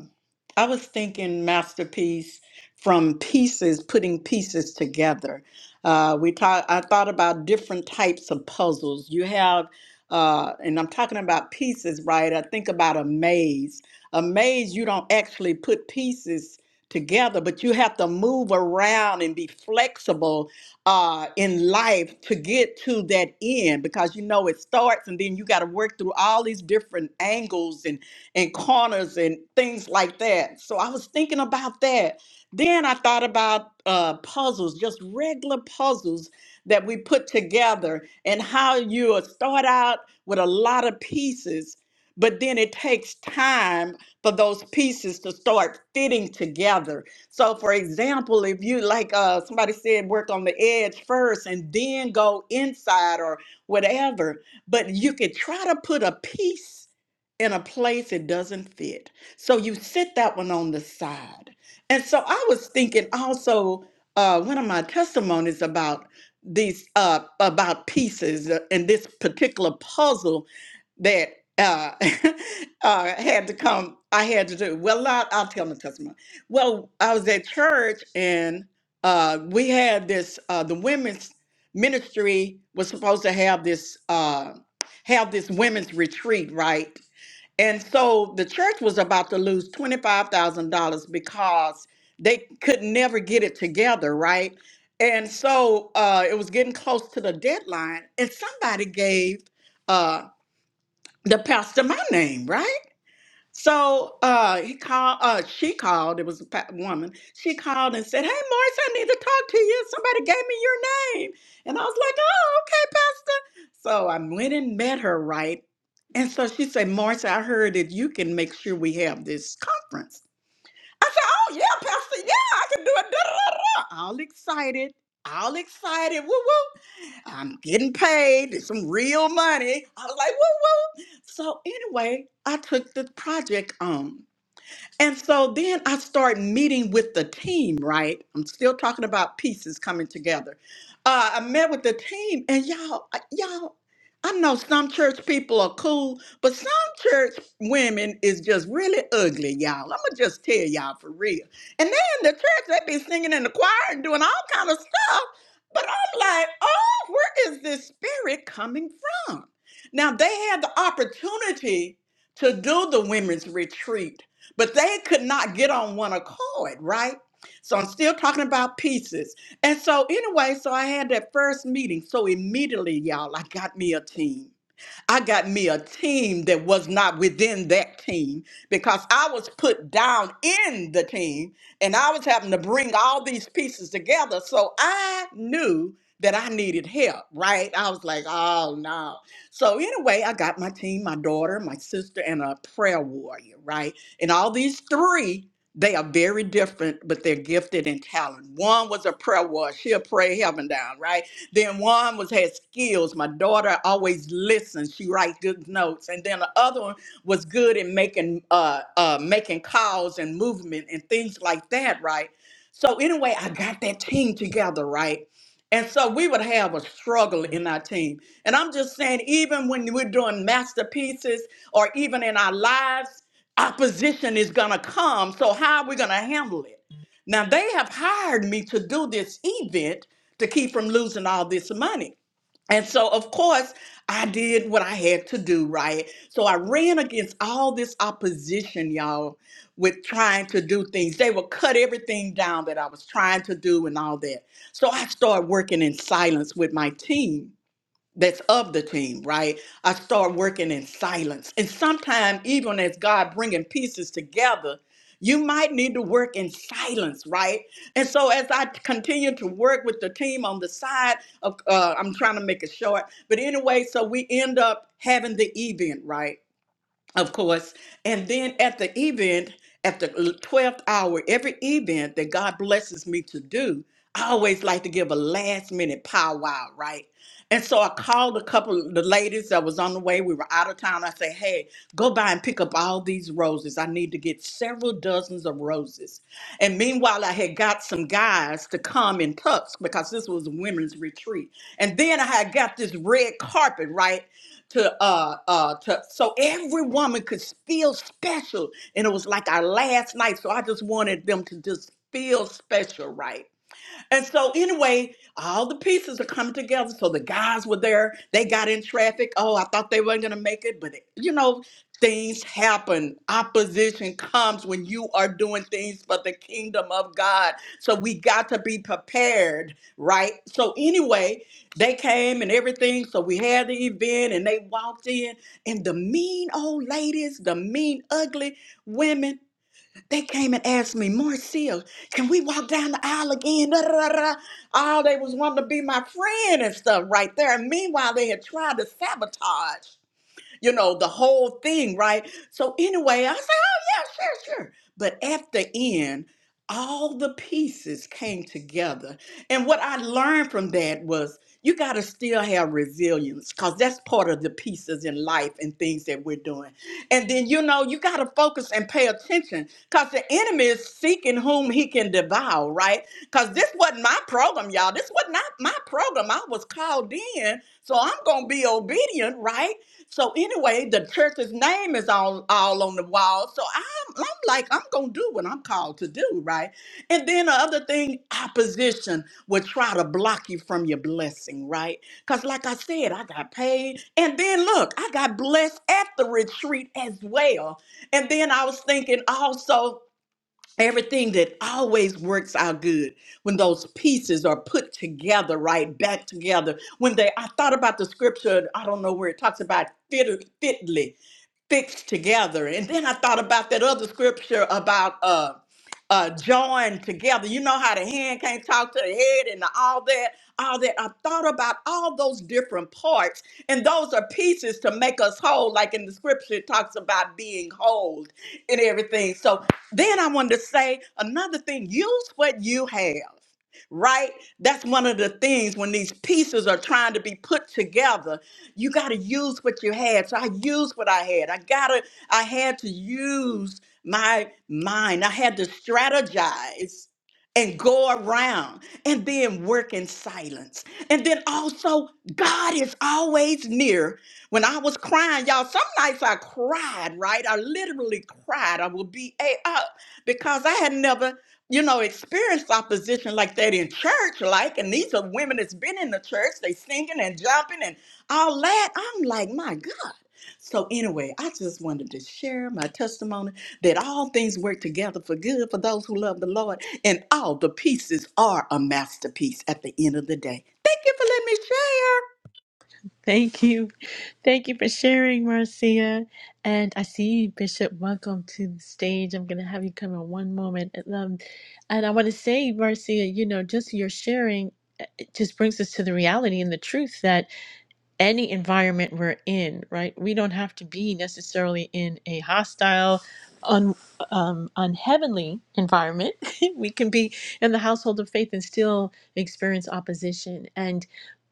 I was thinking masterpiece from pieces, putting pieces together. Uh, we talk, I thought about different types of puzzles. You have, uh, and I'm talking about pieces, right? I think about a maze. A maze, you don't actually put pieces together, but you have to move around and be flexible uh, in life to get to that end because you know it starts and then you got to work through all these different angles and, and corners and things like that. So I was thinking about that. Then I thought about uh, puzzles, just regular puzzles that we put together and how you uh, start out with a lot of pieces but then it takes time for those pieces to start fitting together. So, for example, if you, like uh, somebody said, work on the edge first and then go inside or whatever, but you could try to put a piece in a place it doesn't fit. So, you sit that one on the side. And so, I was thinking also, uh, one of my testimonies about these uh about pieces uh, in this particular puzzle that uh uh, had to come. I had to do well. I'll, I'll tell my testimony. Well, I was at church and uh, we had this. Uh, the women's ministry was supposed to have this uh, have this women's retreat, right? And so the church was about to lose twenty five thousand dollars because they could never get it together, right? And so uh, it was getting close to the deadline, and somebody gave uh, the pastor my name, right? So uh, he called. Uh, she called. It was a pa- woman. She called and said, "Hey, Morris, I need to talk to you. Somebody gave me your name." And I was like, "Oh, okay, Pastor." So I went and met her, right? And so she said, "Morris, I heard that you can make sure we have this conference." I said, "Oh yeah, Pastor. Yeah, I can do it." da, da, da, da." All excited. All excited. Woo woo. I'm getting paid it's some real money. I was like, woo woo. So anyway, I took the project on. And so then I start meeting with the team, right? I'm still talking about pieces coming together. Uh, I met with the team, and y'all, I- y'all, I know some church people are cool, but some church women is just really ugly, y'all. I'm gonna just tell y'all for real. And then the church, they be singing in the choir and doing all kind of stuff, but I'm like, oh, where is this spirit coming from? Now they had the opportunity to do the women's retreat but they could not get on one accord, right? So I'm still talking about pieces. And so, anyway, so I had that first meeting. So immediately, y'all, I got me a team. I got me a team that was not within that team because I was put down in the team and I was having to bring all these pieces together. So I knew that I needed help, right? I was like, oh no. So anyway, I got my team, my daughter, my sister, and a prayer warrior, right? And all these three, they are very different, but they're gifted and talented. One was a prayer warrior. She'll pray heaven down, right? Then one was had skills. My daughter always listens. She writes good notes. And then the other one was good in making uh, uh, making calls and movement and things like that, right? So anyway, I got that team together, right? And so we would have a struggle in our team. And I'm just saying, even when we're doing masterpieces or even in our lives, opposition is gonna come. So how are we gonna handle it? Now they have hired me to do this event to keep from losing all this money. And so, of course, I did what I had to do, right? So I ran against all this opposition, y'all, with trying to do things. They would cut everything down that I was trying to do and all that. So I started working in silence with my team that's of the team, right? I start working in silence. And sometimes, even as God bringing pieces together, you might need to work in silence, right? And so, as I continue to work with the team on the side of, uh, I'm trying to make it short, but anyway, so we end up having the event, right? of course. And then at the event, at the 12th hour, every event that God blesses me to do, I always like to give a last minute powwow, right? And so I called a couple of the ladies that was on the way. We were out of town. I said, hey, go by and pick up all these roses. I need to get several dozens of roses. And meanwhile, I had got some guys to come in tux because this was a women's retreat. And then I had got this red carpet, right? to uh uh to so every woman could feel special and it was like our last night so i just wanted them to just feel special right and so anyway, all the pieces are coming together. So the guys were there. They got in traffic. Oh, I thought they weren't gonna make it, but it, you know, things happen. Opposition comes when you are doing things for the kingdom of God. So we got to be prepared, right? So anyway, they came and everything. So we had the event and they walked in, and the mean old ladies, the mean ugly women they came and asked me, Marcia, can we walk down the aisle again? Da, da, da, da. All they was wanting to be my friend and stuff right there. And meanwhile, they had tried to sabotage you know, the whole thing, right? So anyway, I said, oh yeah, sure, sure. But at the end, all the pieces came together. And what I learned from that was you got to still have resilience because that's part of the pieces in life and things that we're doing. And then, you know, you got to focus and pay attention because the enemy is seeking whom he can devour, right? Because this wasn't my program, y'all. This was not my program. I was called in, so I'm going to be obedient, right? So anyway, the church's name is all all on the wall. So I'm I'm like I'm gonna do what I'm called to do, right? And then the other thing, opposition will try to block you from your blessing, right? Cause like I said, I got paid, and then look, I got blessed at the retreat as well. And then I was thinking also. Everything that always works out good when those pieces are put together, right back together. When they, I thought about the scripture, I don't know where it talks about fit, fitly fixed together. And then I thought about that other scripture about uh uh join together. You know how the hand can't talk to the head and all that, all that. I thought about all those different parts, and those are pieces to make us whole, like in the scripture it talks about being whole and everything. So then I wanted to say another thing, use what you have right? That's one of the things when these pieces are trying to be put together you got to use what you had. So I used what I had. I got to, I had to use my mind. I had to strategize and go around and then work in silence. And then also, God is always near. When I was crying, y'all, some nights I cried, right? I literally cried. I would be a up because I had never you know, experienced opposition like that in church, like, and these are women that's been in the church, they singing and jumping and all that. I'm like, my God. So anyway, I just wanted to share my testimony that all things work together for good for those who love the Lord, and all the pieces are a masterpiece at the end of the day. Thank you for
Thank you. Thank you for sharing, Marcia. And I see you, Bishop. Welcome to the stage. I'm going to have you come in one moment. Um, and I want to say, Marcia, you know, just your sharing uh, it just brings us to the reality and the truth that any environment we're in, right? We don't have to be necessarily in a hostile, un, um, unheavenly environment. we can be in the household of faith and still experience opposition. And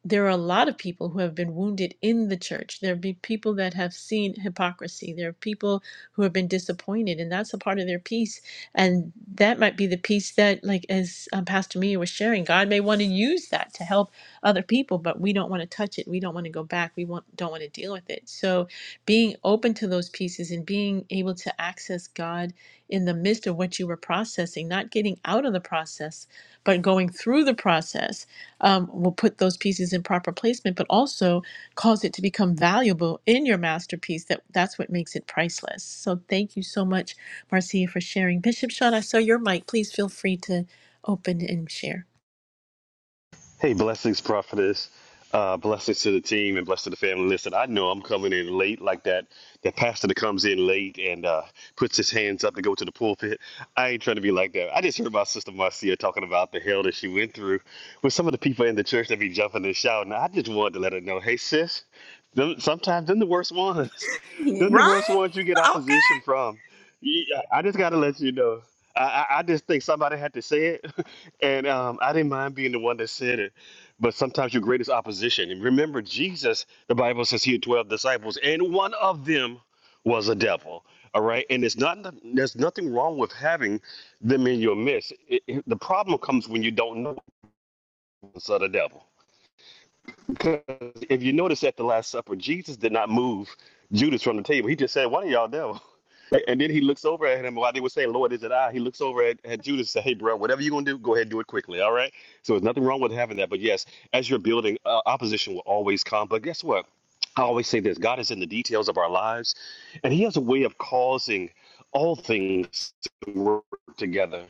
there are a lot of people who have been wounded in the church. There be people that have seen hypocrisy. There are people who have been disappointed, and that's a part of their peace. And that might be the peace that, like as um, Pastor Mia was sharing, God may want to use that to help other people, but we don't want to touch it. We don't want to go back. We want, don't want to deal with it. So being open to those pieces and being able to access God in the midst of what you were processing, not getting out of the process, but going through the process um, will put those pieces in proper placement, but also cause it to become valuable in your masterpiece. That that's what makes it priceless. So thank you so much, Marcia, for sharing. Bishop Sean, I saw your mic. Please feel free to open and share.
Hey, blessings, prophetess. Uh, blessings to the team and blessings to the family. Listen, I know I'm coming in late like that. That pastor that comes in late and uh, puts his hands up to go to the pulpit. I ain't trying to be like that. I just heard my sister Marcia talking about the hell that she went through with some of the people in the church that be jumping and shouting. I just wanted to let her know, hey, sis, them, sometimes them the worst ones.
letting me share.
Them the worst
Right?
ones you get
Okay.
opposition from. Yeah, I just got to let you know. I, I I just think somebody had to say it. And um, I didn't mind being the one that said it, but sometimes your greatest opposition. And remember, Jesus, the Bible says he had 12 disciples, and one of them was a devil. All right. And it's not, there's nothing wrong with having them in your midst. It, it- the problem comes when you don't know it's of the devil. Because if you notice at the Last Supper, Jesus did not move Judas from the table. He just said, One of y'all devil. And then he looks over at him while they were saying, Lord, is it I? He looks over at, at Judas and says, Hey, bro, whatever you're going to do, go ahead and do it quickly. All right. So there's nothing wrong with having that. But yes, as you're building, uh, opposition will always come. But guess what? I always say this God is in the details of our lives, and He has a way of causing all things to work together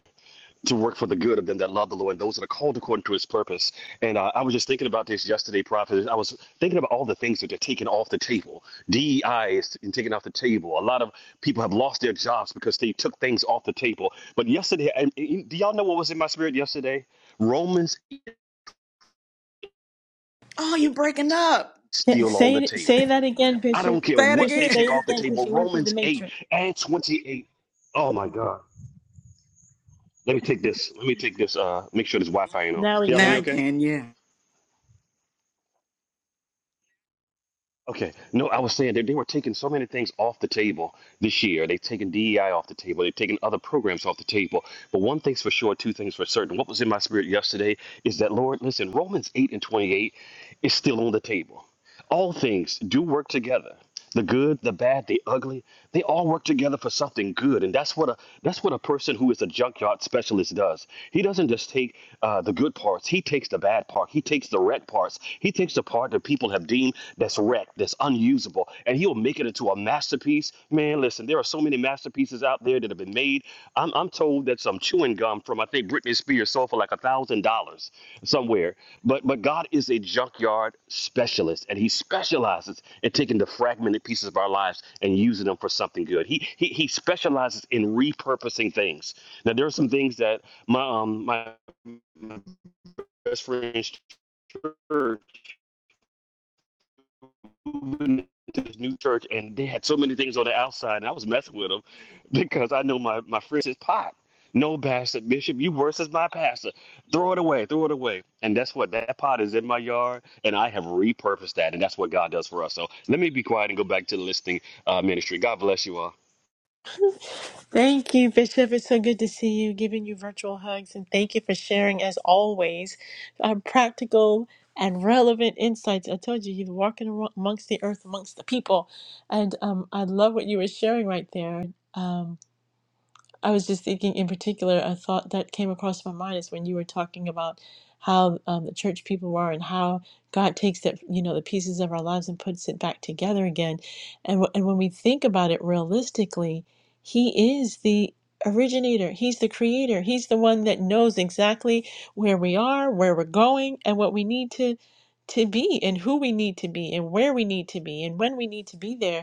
to work for the good of them that love the Lord and those that are called according to his purpose. And uh, I was just thinking about this yesterday, Prophet. I was thinking about all the things that they're taking off the table. DEI is taken off the table. A lot of people have lost their jobs because they took things off the table. But yesterday, and, and do y'all know what was in my spirit yesterday? Romans
Oh, you
8
breaking
is
up.
Yeah,
still on
Say
the
say
table.
that again,
I don't
Bishop.
care
Say it
what
Bishop,
they
again.
say
take
it
off the
again because
table.
you went through the
Romans 8
matrix.
and 28. Oh my God. Let me take this. Let me take this. Uh, make sure this Wi Fi ain't on.
Now we
Can y'all hear
Now
me
you
can.
okay?
can, yeah.
Okay. No, I was saying that they were taking so many things off the table this year. They've taken DEI off the table. They've taken other programs off the table. But one thing's for sure, two things for certain. What was in my spirit yesterday is that, Lord, listen, Romans 8 and 28 is still on the table. All things do work together. The good, the bad, the ugly, they all work together for something good. And that's what a that's what a person who is a junkyard specialist does. He doesn't just take uh, the good parts, he takes the bad part, he takes the wreck parts, he takes the part that people have deemed that's wrecked, that's unusable, and he'll make it into a masterpiece. Man, listen, there are so many masterpieces out there that have been made. I'm I'm told that some chewing gum from I think Britney Spears sold for like a thousand dollars somewhere but but God is a junkyard specialist, and He specializes in taking the fragmented pieces of our lives and using them for something good. He He, he specializes in repurposing things. Now there are some things that my um, my my best friend's church moving to this new church, and they had so many things on the outside, and I was messing with them because I know my my friend says, "Pop, no bastard bishop, you worse as my pastor. Throw it away, throw it away." And that's what that pot is in my yard, and I have repurposed that, and that's what God does for us. So let me be quiet and go back to the listening uh, ministry. God bless you all.
Thank you, Bishop. It's so good to see you, giving you virtual hugs, and thank you for sharing, as always, um, practical and relevant insights. I told you, you're walking amo- amongst the earth, amongst the people, and um, I love what you were sharing right there. Um, I was just thinking in particular, a thought that came across my mind is when you were talking about how um, the church people are and how God takes that, you know, the pieces of our lives and puts it back together again. And, w- and when we think about it realistically, He is the originator, He's the creator, He's the one that knows exactly where we are, where we're going, and what we need to to be and who we need to be and where we need to be and when we need to be there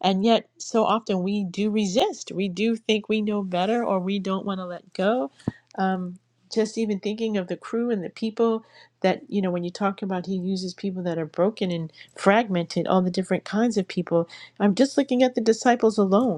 and yet, so often we do resist. We do think we know better or we don't want to let go. Um, just even thinking of the crew and the people that, you know, when you talk about he uses people that are broken and fragmented, all the different kinds of people. I'm just looking at the disciples alone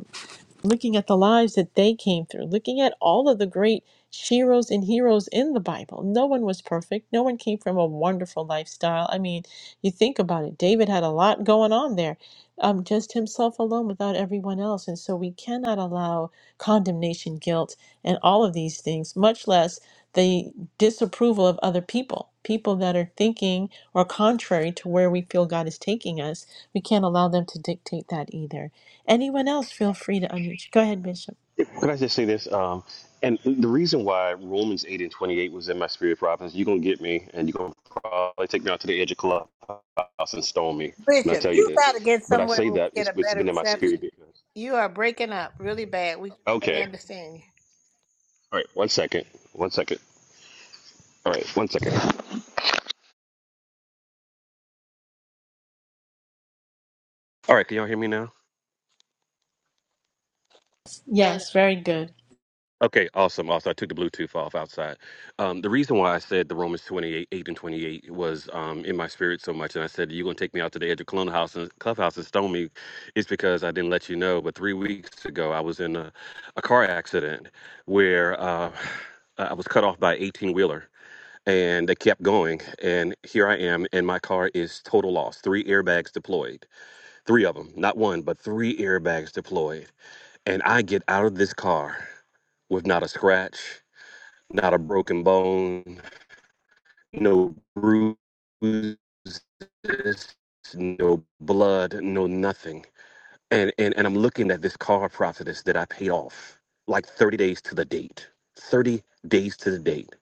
looking at the lives that they came through, looking at all of the great sheroes and heroes in the Bible. No one was perfect. No one came from a wonderful lifestyle. I mean, you think about it. David had a lot going on there, um, just himself alone without everyone else. And so we cannot allow condemnation, guilt, and all of these things, much less the disapproval of other people, people that are thinking or contrary to where we feel God is taking us. We can't allow them to dictate that either. Anyone else, feel free to unmute. Go ahead, Bishop.
Could I just say this? Um, and the reason why Romans 8 and 28 was in my spirit province, you're going to get me and you're going to probably take me out to the edge of clubhouse and stone me when I
Bishop,
tell you
you
this.
got to get
But I
somewhere
say
where we
that
get
it's,
a
it's
better
been in my
reception.
spirit because.
You are breaking up really bad. We can barely
Okay.
understand
All right. One second. One second. All right. One second. All right. Can you hear me now?
you.
Yes, very good.
Okay. So I'm off the Bluetooth side. Um, the reason why the Romans 28, 8 and 28 was um, in my spirit so much, and I said, you're going to take me out to the edge of clubhouse and, clubhouse and stone me, is because I didn't let you know. But three weeks ago, I was in a a car accident where uh, I was cut off by 18 wheeler and they kept going. And here I am, and my car is total loss. Three airbags deployed, three of them, not one, but three airbags deployed. And I get out of this car with not a scratch, not a broken bone, no bruises, no blood, no nothing and, and and I'm looking at this car process that I paid off like 30 days to the date. 30 days to the date.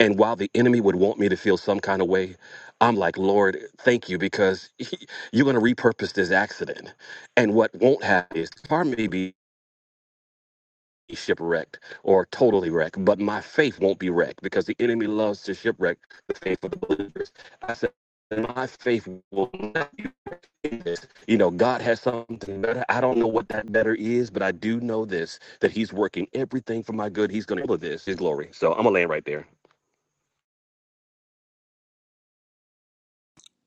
And while the enemy would want me to feel some kind of way, I'm like, Lord, thank you because you're going to repurpose this accident. And what won't happen is the car may be shipwrecked or totally wrecked, but my faith won't be wrecked because the enemy loves to shipwreck the faith of the believers. I said, my faith will not you know, God has something better. I don't know what that better is, but I do know this that He's working everything for my good. He's going to do this, His glory. So I'm going to land right there.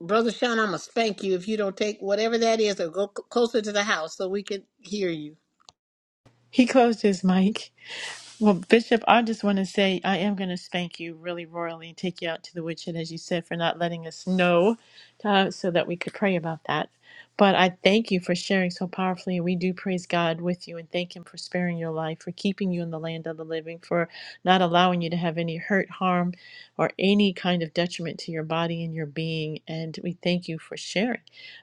Brother Sean, I'm gonna spank you if you don't take whatever that is or go c- closer to the house so we can hear you.
He closed his mic. Well, Bishop, I just want to say I am going to spank you really royally and take you out to the woodshed, as you said, for not letting us know uh, so that we could pray about that. But I thank you for sharing so powerfully. We do praise God with you and thank Him for sparing your life, for keeping you in the land of the living, for not allowing you to have any hurt, harm, or any kind of detriment to your body and your being. And we thank you for sharing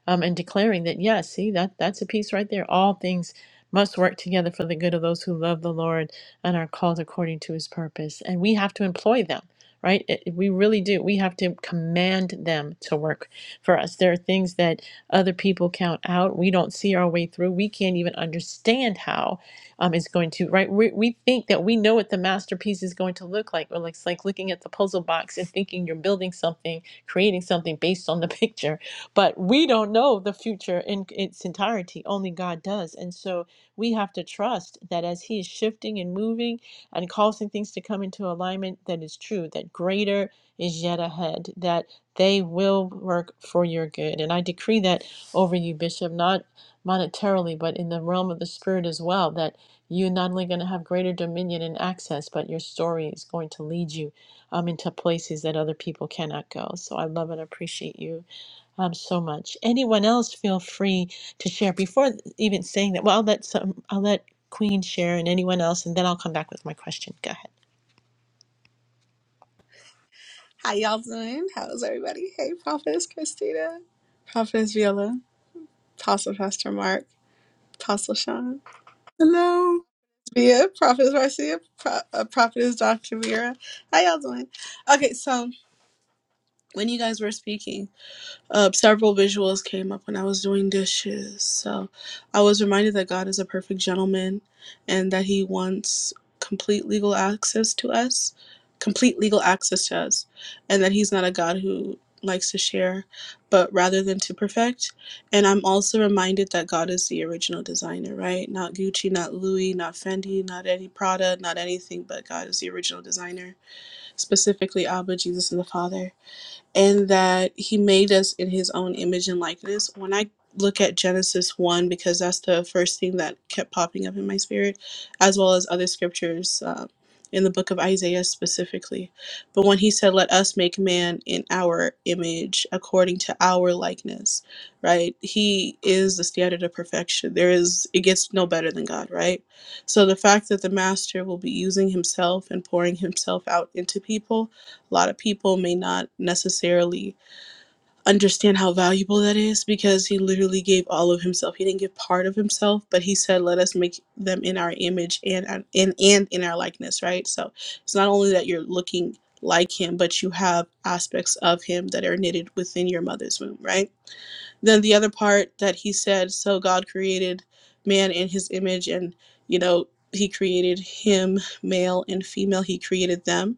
um, and declaring that, yes, see, that, that's a piece right there. All things must work together for the good of those who love the Lord and are called according to his purpose. And we have to employ them, right? It- we really do. We have to command them to work for us. There are things that other people count out. We don't see our way through. We can't even understand how um, it's going to, right? We, we think that we know what the masterpiece is going to look like. Or like, it's like looking at the puzzle box and thinking you're building something, creating something based on the picture. But we don't know the future in its entirety. Only God does. And so, we have to trust that as He is shifting and moving and causing things to come into alignment, that is true, that greater is yet ahead, that they will work for your good. And I decree that over you, Bishop, not monetarily, but in the realm of the Spirit as well, that you're not only going to have greater dominion and access, but your story is going to lead you um, into places that other people cannot go. So I love and appreciate you um, so much. Anyone else feel free to share before even saying that? Well, I'll let some, I'll let Queen share and anyone else, and then I'll come back with my question. Go ahead.
How y'all doing? How's everybody? Hey, Prophetess Christina, Prophetess Viola, Apostle Pastor Mark, Apostle Sean,
Hello.
Via, Prophetess Marcia, Pro- uh, Prophetess Dr. Vera. How y'all doing? Okay, so when you guys were speaking, Uh, several visuals came up when I was doing dishes. So I was reminded that God is a perfect gentleman and that He wants complete legal access to us, complete legal access to us, and that He's not a God who likes to share, but rather than to perfect. And I'm also reminded that God is the original designer, right? Not Gucci, not Louis, not Fendi, not any Prada, not anything, but God is the original designer, specifically Abba, Jesus, and the Father and that he made us in his own image and likeness. When I look at Genesis 1, because that's the first thing that kept popping up in my spirit, as well as other scriptures uh, in the book of Isaiah specifically. But when he said, Let us make man in our image, according to our likeness, right? He is the standard of perfection. There is, it gets no better than God, right? So the fact that the master will be using himself and pouring himself out into people a lot of people may not necessarily understand how valuable that is because he literally gave all of himself. He didn't give part of himself, but he said, "Let us make them in our image and in and in our likeness." Right. So it's not only that you're looking like him, but you have aspects of him that are knitted within your mother's womb. Right. Then the other part that he said, "So God created man in His image, and you know." He created him, male and female. He created them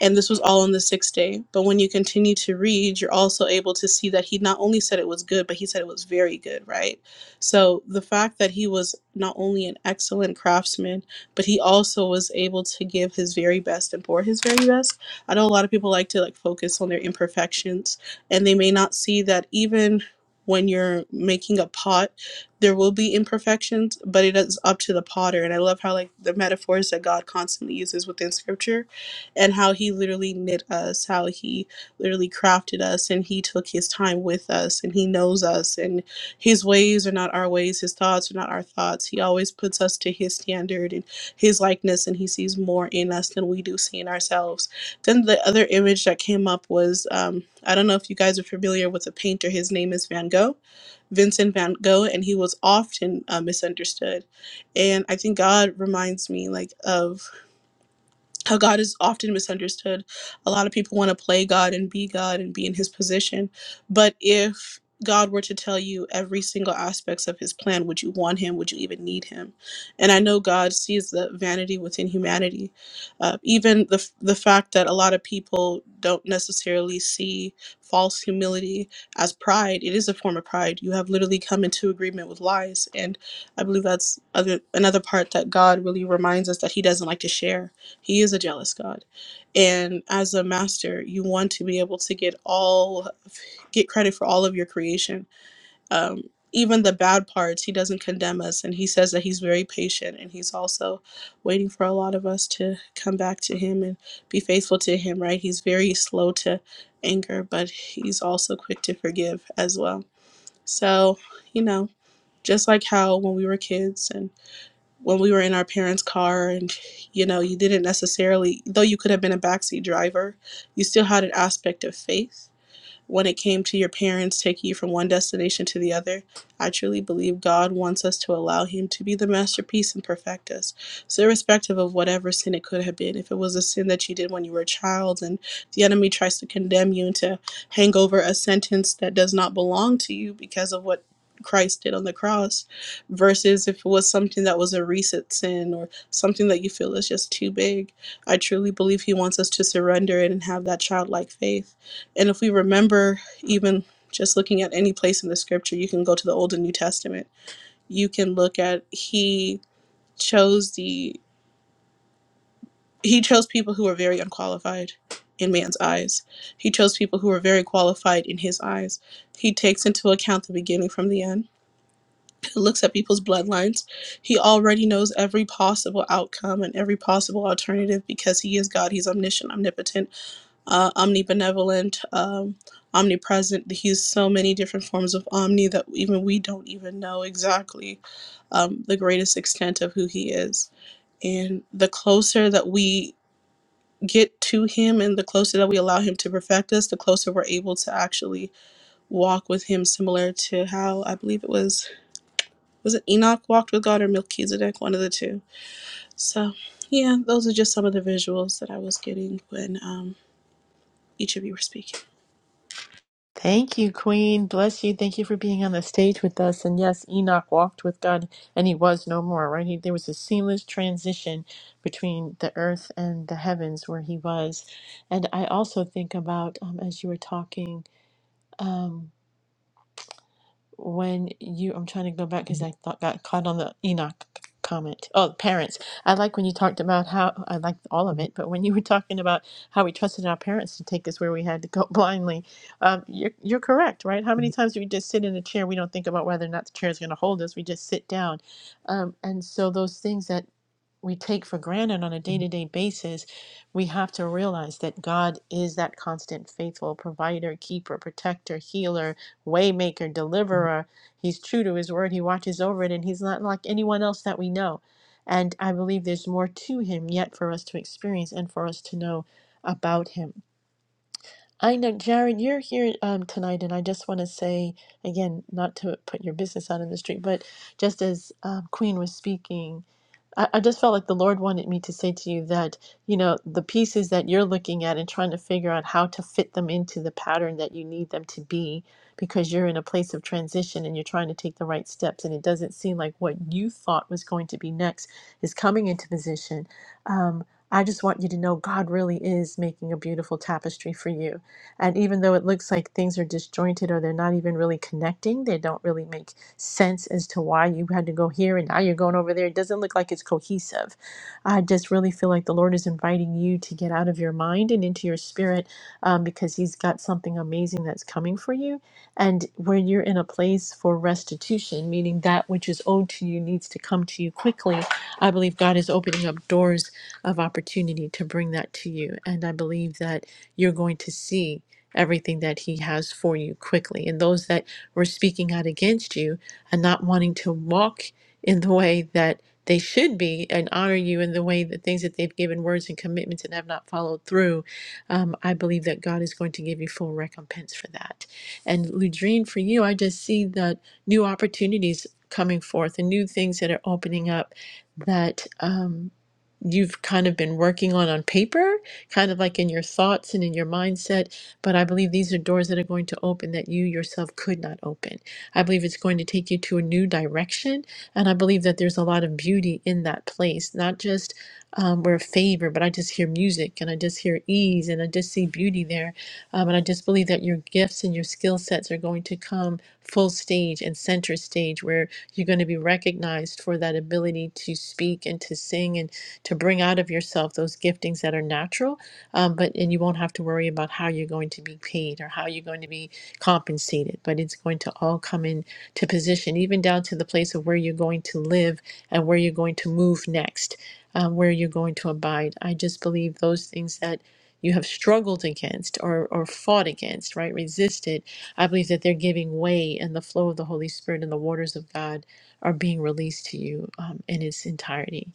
and this was all on the sixth day. But when you continue to read, you're also able to see that he not only said it was good, but he said it was very good, right? So the fact that he was not only an excellent craftsman, but he also was able to give his very best and pour his very best. I know a lot of people like to like focus on their imperfections and they may not see that even when you're making a pot, there will be imperfections, but it is up to the potter. And I love how like the metaphors that God constantly uses within scripture and how he literally knit us, how he literally crafted us, and he took his time with us, and he knows us, and his ways are not our ways, his thoughts are not our thoughts. He always puts us to his standard and his likeness, and he sees more in us than we do see in ourselves. Then the other image that came up was um, I don't know if you guys are familiar with a painter, his name is Van Gogh. Vincent van Gogh, and he was often uh, misunderstood. And I think God reminds me like of how God is often misunderstood. A lot of people want to play God and be God and be in his position. But if God were to tell you every single aspects of his plan, would you want him? Would you even need him? And I know God sees the vanity within humanity. Uh, even the, f- the fact that a lot of people don't necessarily see false humility as pride, it is a form of pride. You have literally come into agreement with lies. And I believe that's other, another part that God really reminds us that he doesn't like to share he is a jealous God. And as a master, you want to be able to get all get credit for all of your creation. Um, even the bad parts, he doesn't condemn us and he says that he's very patient and he's also waiting for a lot of us to come back to him and be faithful to him, right? He's very slow to anger, but he's also quick to forgive as well. So, you know, just like how when we were kids and when we were in our parents' car and you know you didn't necessarily though you could have been a backseat driver you still had an aspect of faith when it came to your parents taking you from one destination to the other, I truly believe God wants us to allow Him to be the masterpiece and perfect us. So, irrespective of whatever sin it could have been, if it was a sin that you did when you were a child and the enemy tries to condemn you and to hang over a sentence that does not belong to you because of what Christ did on the cross, versus if it was something that was a recent sin or something that you feel is just too big, I truly believe He wants us to surrender it and have that childlike faith and if we remember, even just looking at any place in the scripture, you can go to the Old and New Testament. You can look at he chose the he chose people who were very unqualified in man's eyes. He chose people who were very qualified in his eyes. He takes into account the beginning from the end. He looks at people's bloodlines. He already knows every possible outcome and every possible alternative because he is God. He's omniscient, omnipotent, uh, omnibenevolent, um, omnipresent. He's so many different forms of omni that even we don't even know exactly um, the greatest extent of who he is. And the closer that we get to him and the closer that we allow him to perfect us, the closer we're able to actually walk with him, similar to how I believe it was, was it Enoch walked with God or Melchizedek, one of the two. So, yeah, those are just some of the visuals that I was getting when um, each of you were speaking.
Thank you, Queen. Bless you. Thank you for being on the stage with us. And yes, Enoch walked with God and he was no more, right? He, there was a seamless transition between the earth and the heavens where he was. And I also think about, um, as you were talking, um, when you i'm trying to go back because i thought got caught on the enoch comment oh parents i like when you talked about how i liked all of it but when you were talking about how we trusted our parents to take us where we had to go blindly um, you're, you're correct right how many times do we just sit in a chair we don't think about whether or not the chair is going to hold us we just sit down um, and so those things that we take for granted on a day-to-day basis we have to realize that god is that constant faithful provider keeper protector healer waymaker deliverer he's true to his word he watches over it and he's not like anyone else that we know and i believe there's more to him yet for us to experience and for us to know about him i know jared you're here um, tonight and i just want to say again not to put your business out in the street but just as um, queen was speaking I, I just felt like the Lord wanted me to say to you that, you know, the pieces that you're looking at and trying to figure out how to fit them into the pattern that you need them to be, because you're in a place of transition and you're trying to take the right steps, and it doesn't seem like what you thought was going to be next is coming into position. Um, I just want you to know God really is making a beautiful tapestry for you. And even though it looks like things are disjointed or they're not even really connecting, they don't really make sense as to why you had to go here and now you're going over there. It doesn't look like it's cohesive. I just really feel like the Lord is inviting you to get out of your mind and into your spirit um, because He's got something amazing that's coming for you. And when you're in a place for restitution, meaning that which is owed to you needs to come to you quickly, I believe God is opening up doors of opportunity to bring that to you. And I believe that you're going to see everything that He has for you quickly. And those that were speaking out against you, and not wanting to walk in the way that they should be and honor you in the way the things that they've given words and commitments and have not followed through, um, I believe that God is going to give you full recompense for that. And Ludrine, for you, I just see that new opportunities coming forth and new things that are opening up that. um, you've kind of been working on on paper, kind of like in your thoughts and in your mindset. But I believe these are doors that are going to open that you yourself could not open. I believe it's going to take you to a new direction. And I believe that there's a lot of beauty in that place, not just um, where favor, but I just hear music and I just hear ease and I just see beauty there. Um, and I just believe that your gifts and your skill sets are going to come full stage and center stage where you're going to be recognized for that ability to speak and to sing and to bring out of yourself those giftings that are natural, um, but and you won't have to worry about how you're going to be paid or how you're going to be compensated. But it's going to all come in to position, even down to the place of where you're going to live and where you're going to move next, um, where you're going to abide. I just believe those things that you have struggled against or, or fought against, right? Resisted. I believe that they're giving way and the flow of the Holy Spirit and the waters of God are being released to you um, in its entirety.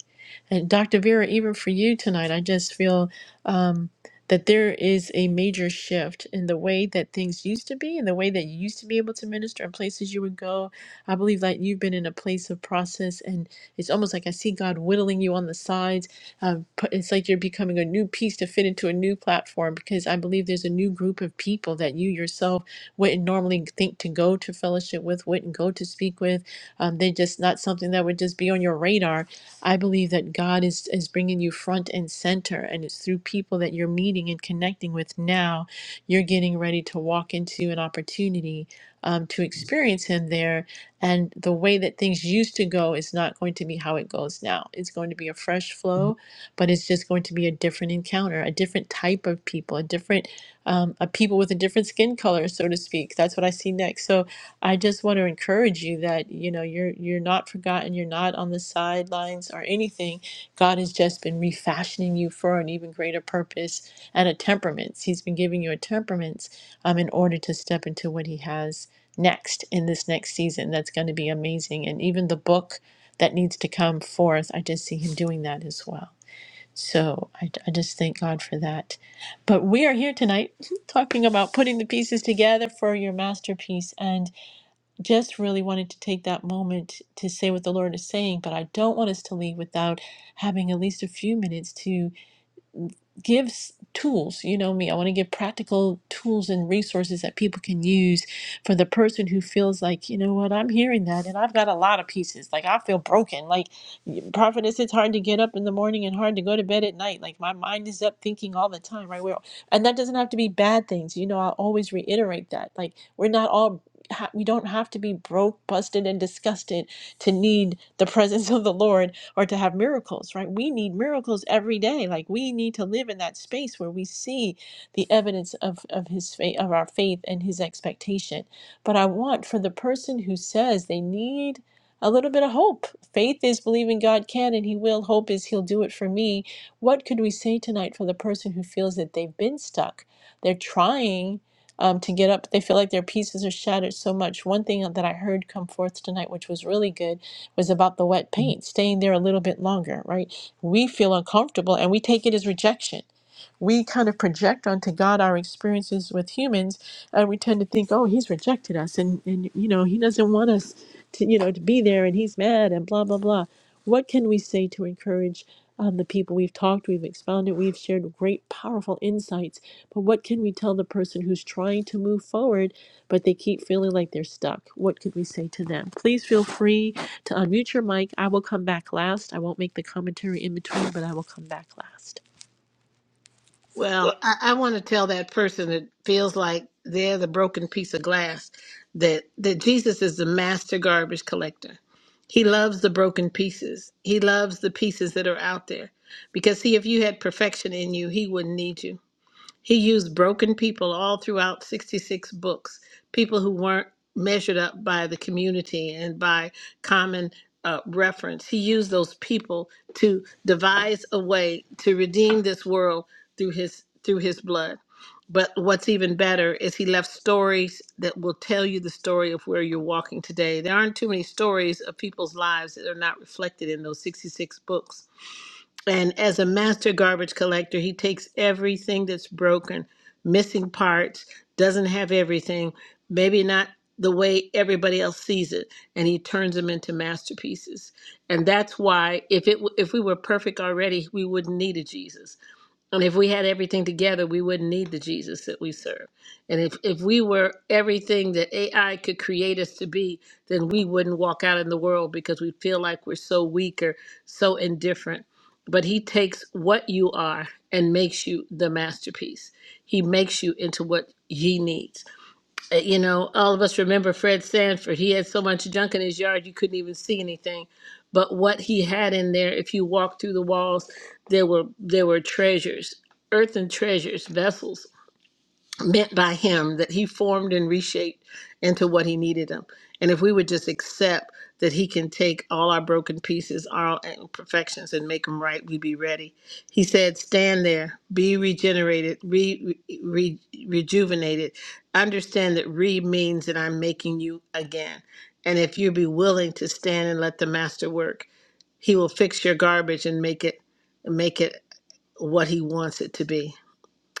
And Dr. Vera, even for you tonight, I just feel um, that there is a major shift in the way that things used to be and the way that you used to be able to minister and places you would go. I believe that you've been in a place of process, and it's almost like I see God whittling you on the sides. Uh, pu- it's like you're becoming a new piece to fit into a new platform because I believe there's a new group of people that you yourself wouldn't normally think to go to fellowship with, wouldn't go to speak with. Um, they're just not something that would just be on your radar I believe that God is, is bringing you front and center, and it's through people that you're meeting and connecting with now. You're getting ready to walk into an opportunity um, to experience Him there. And the way that things used to go is not going to be how it goes now. It's going to be a fresh flow, but it's just going to be a different encounter, a different type of people, a different, um, a people with a different skin color, so to speak. That's what I see next. So I just want to encourage you that you know you're you're not forgotten, you're not on the sidelines or anything. God has just been refashioning you for an even greater purpose and a temperament. He's been giving you a temperament um, in order to step into what He has next in this next season. That's going to be amazing, and even the book that needs to come forth. I just see Him doing that as well. So I, I just thank God for that. But we are here tonight talking about putting the pieces together for your masterpiece. and just really wanted to take that moment to say what the Lord is saying, but I don't want us to leave without having at least a few minutes to gives tools. You know me, I want to give practical tools and resources that people can use for the person who feels like, you know what, I'm hearing that and I've got a lot of pieces. Like I feel broken. Like prophetess, it's hard to get up in the morning and hard to go to bed at night. Like my mind is up thinking all the time, right? We're, and that doesn't have to be bad things. You know, I always reiterate that. Like we're not all ha- we don't have to be broke, busted, and disgusted to need the presence of the Lord or to have miracles, right? We need miracles every day. Like we need to live in that space where we see the evidence of, of his faith of our faith and his expectation. But I want for the person who says they need a little bit of hope. Faith is believing God can and He will. Hope is He'll do it for me. What could we say tonight for the person who feels that they've been stuck? They're trying um, to get up. They feel like their pieces are shattered so much. One thing that I heard come forth tonight, which was really good, was about the wet paint, staying there a little bit longer, right? We feel uncomfortable and we take it as rejection. We kind of project onto God our experiences with humans and we tend to think, oh, he's rejected us, and and you know he doesn't want us to you know to be there, and he's mad, and blah blah blah. What can we say to encourage um, the people we've talked, we've expounded, we've shared great, powerful insights, but what can we tell the person who's trying to move forward, but they keep feeling like they're stuck? What could we say to them? Please feel free to unmute your mic. I will come back last. I won't make the commentary in between, but I will come back last.
Well, I, I want to tell that person that feels like they're the broken piece of glass that that Jesus is the master garbage collector. He loves the broken pieces. He loves the pieces that are out there because see, if you had perfection in you, he wouldn't need you He used broken people all throughout 66 books, people who weren't measured up by the community and by common uh, reference. He used those people to devise a way to redeem this world through his through his blood. But what's even better is he left stories that will tell you the story of where you're walking today. There aren't too many stories of people's lives that are not reflected in those 66 books and as a master garbage collector, he takes everything that's broken, missing parts, doesn't have everything, maybe not the way everybody else sees it, and he turns them into masterpieces. And that's why if it w- if we were perfect already, we wouldn't need a Jesus and if we had everything together, we wouldn't need the Jesus that we serve. And if, if we were everything that AI could create us to be, then we wouldn't walk out in the world because we feel like we're so weak or so indifferent. But he takes what you are and makes you the masterpiece. He makes you into what he needs. Uh, You know, all of us remember Fred Sanford. He had so much junk in his yard you couldn't even see anything. But what he had in there, if you walked through the walls, there were there were treasures, earthen treasures, vessels meant by him that he formed and reshaped into what he needed him. And if we would just accept that he can take all our broken pieces, our imperfections, and make them right, we'd be ready. He said, Stand there, be regenerated, re, re, rejuvenated. Understand that re means that I'm making you again. And if you be willing to stand and let the master work, he will fix your garbage and make it make it what he wants it to be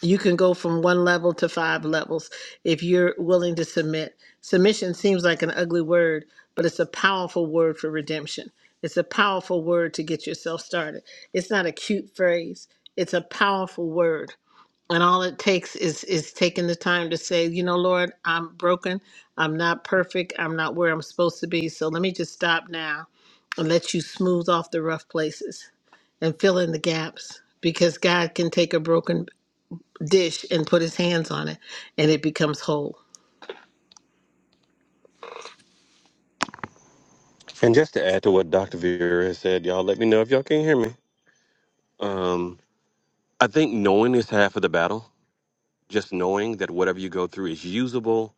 you can go from one level to five levels if you're willing to submit. Submission seems like an ugly word, but it's a powerful word for redemption. It's a powerful word to get yourself started. It's not a cute phrase, it's a powerful word. And all it takes is is taking the time to say, you know, Lord, I'm broken. I'm not perfect. I'm not where I'm supposed to be. So let me just stop now and let you smooth off the rough places and fill in the gaps because God can take a broken dish and put his hands on it and it becomes whole.
And just to add to what Dr. Vera has said, y'all let me know if y'all can hear me. Um, I think knowing is half of the battle. Just knowing that whatever you go through is usable,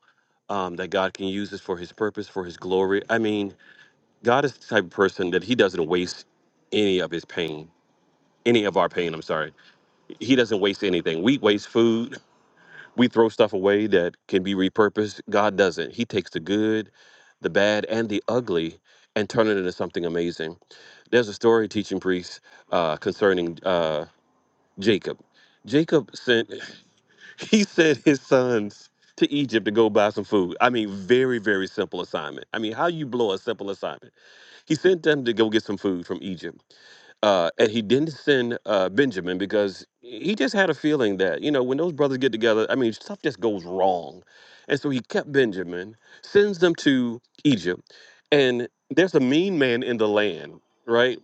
um, that God can use this for His purpose, for His glory. I mean, God is the type of person that He doesn't waste any of His pain, any of our pain. I'm sorry, He doesn't waste anything. We waste food. we throw stuff away that can be repurposed. God doesn't. He takes the good, the bad, and the ugly and turn it into something amazing. There's a story, teaching priest, uh, concerning uh, Jacob. Jacob sent, he sent his sons to Egypt to go buy some food. I mean, very, very simple assignment. I mean, how you blow a simple assignment? He sent them to go get some food from Egypt uh, and he didn't send uh, Benjamin because he just had a feeling that you know when those brothers get together, I mean stuff just goes wrong, and so he kept Benjamin, sends them to Egypt, and there's a mean man in the land, right?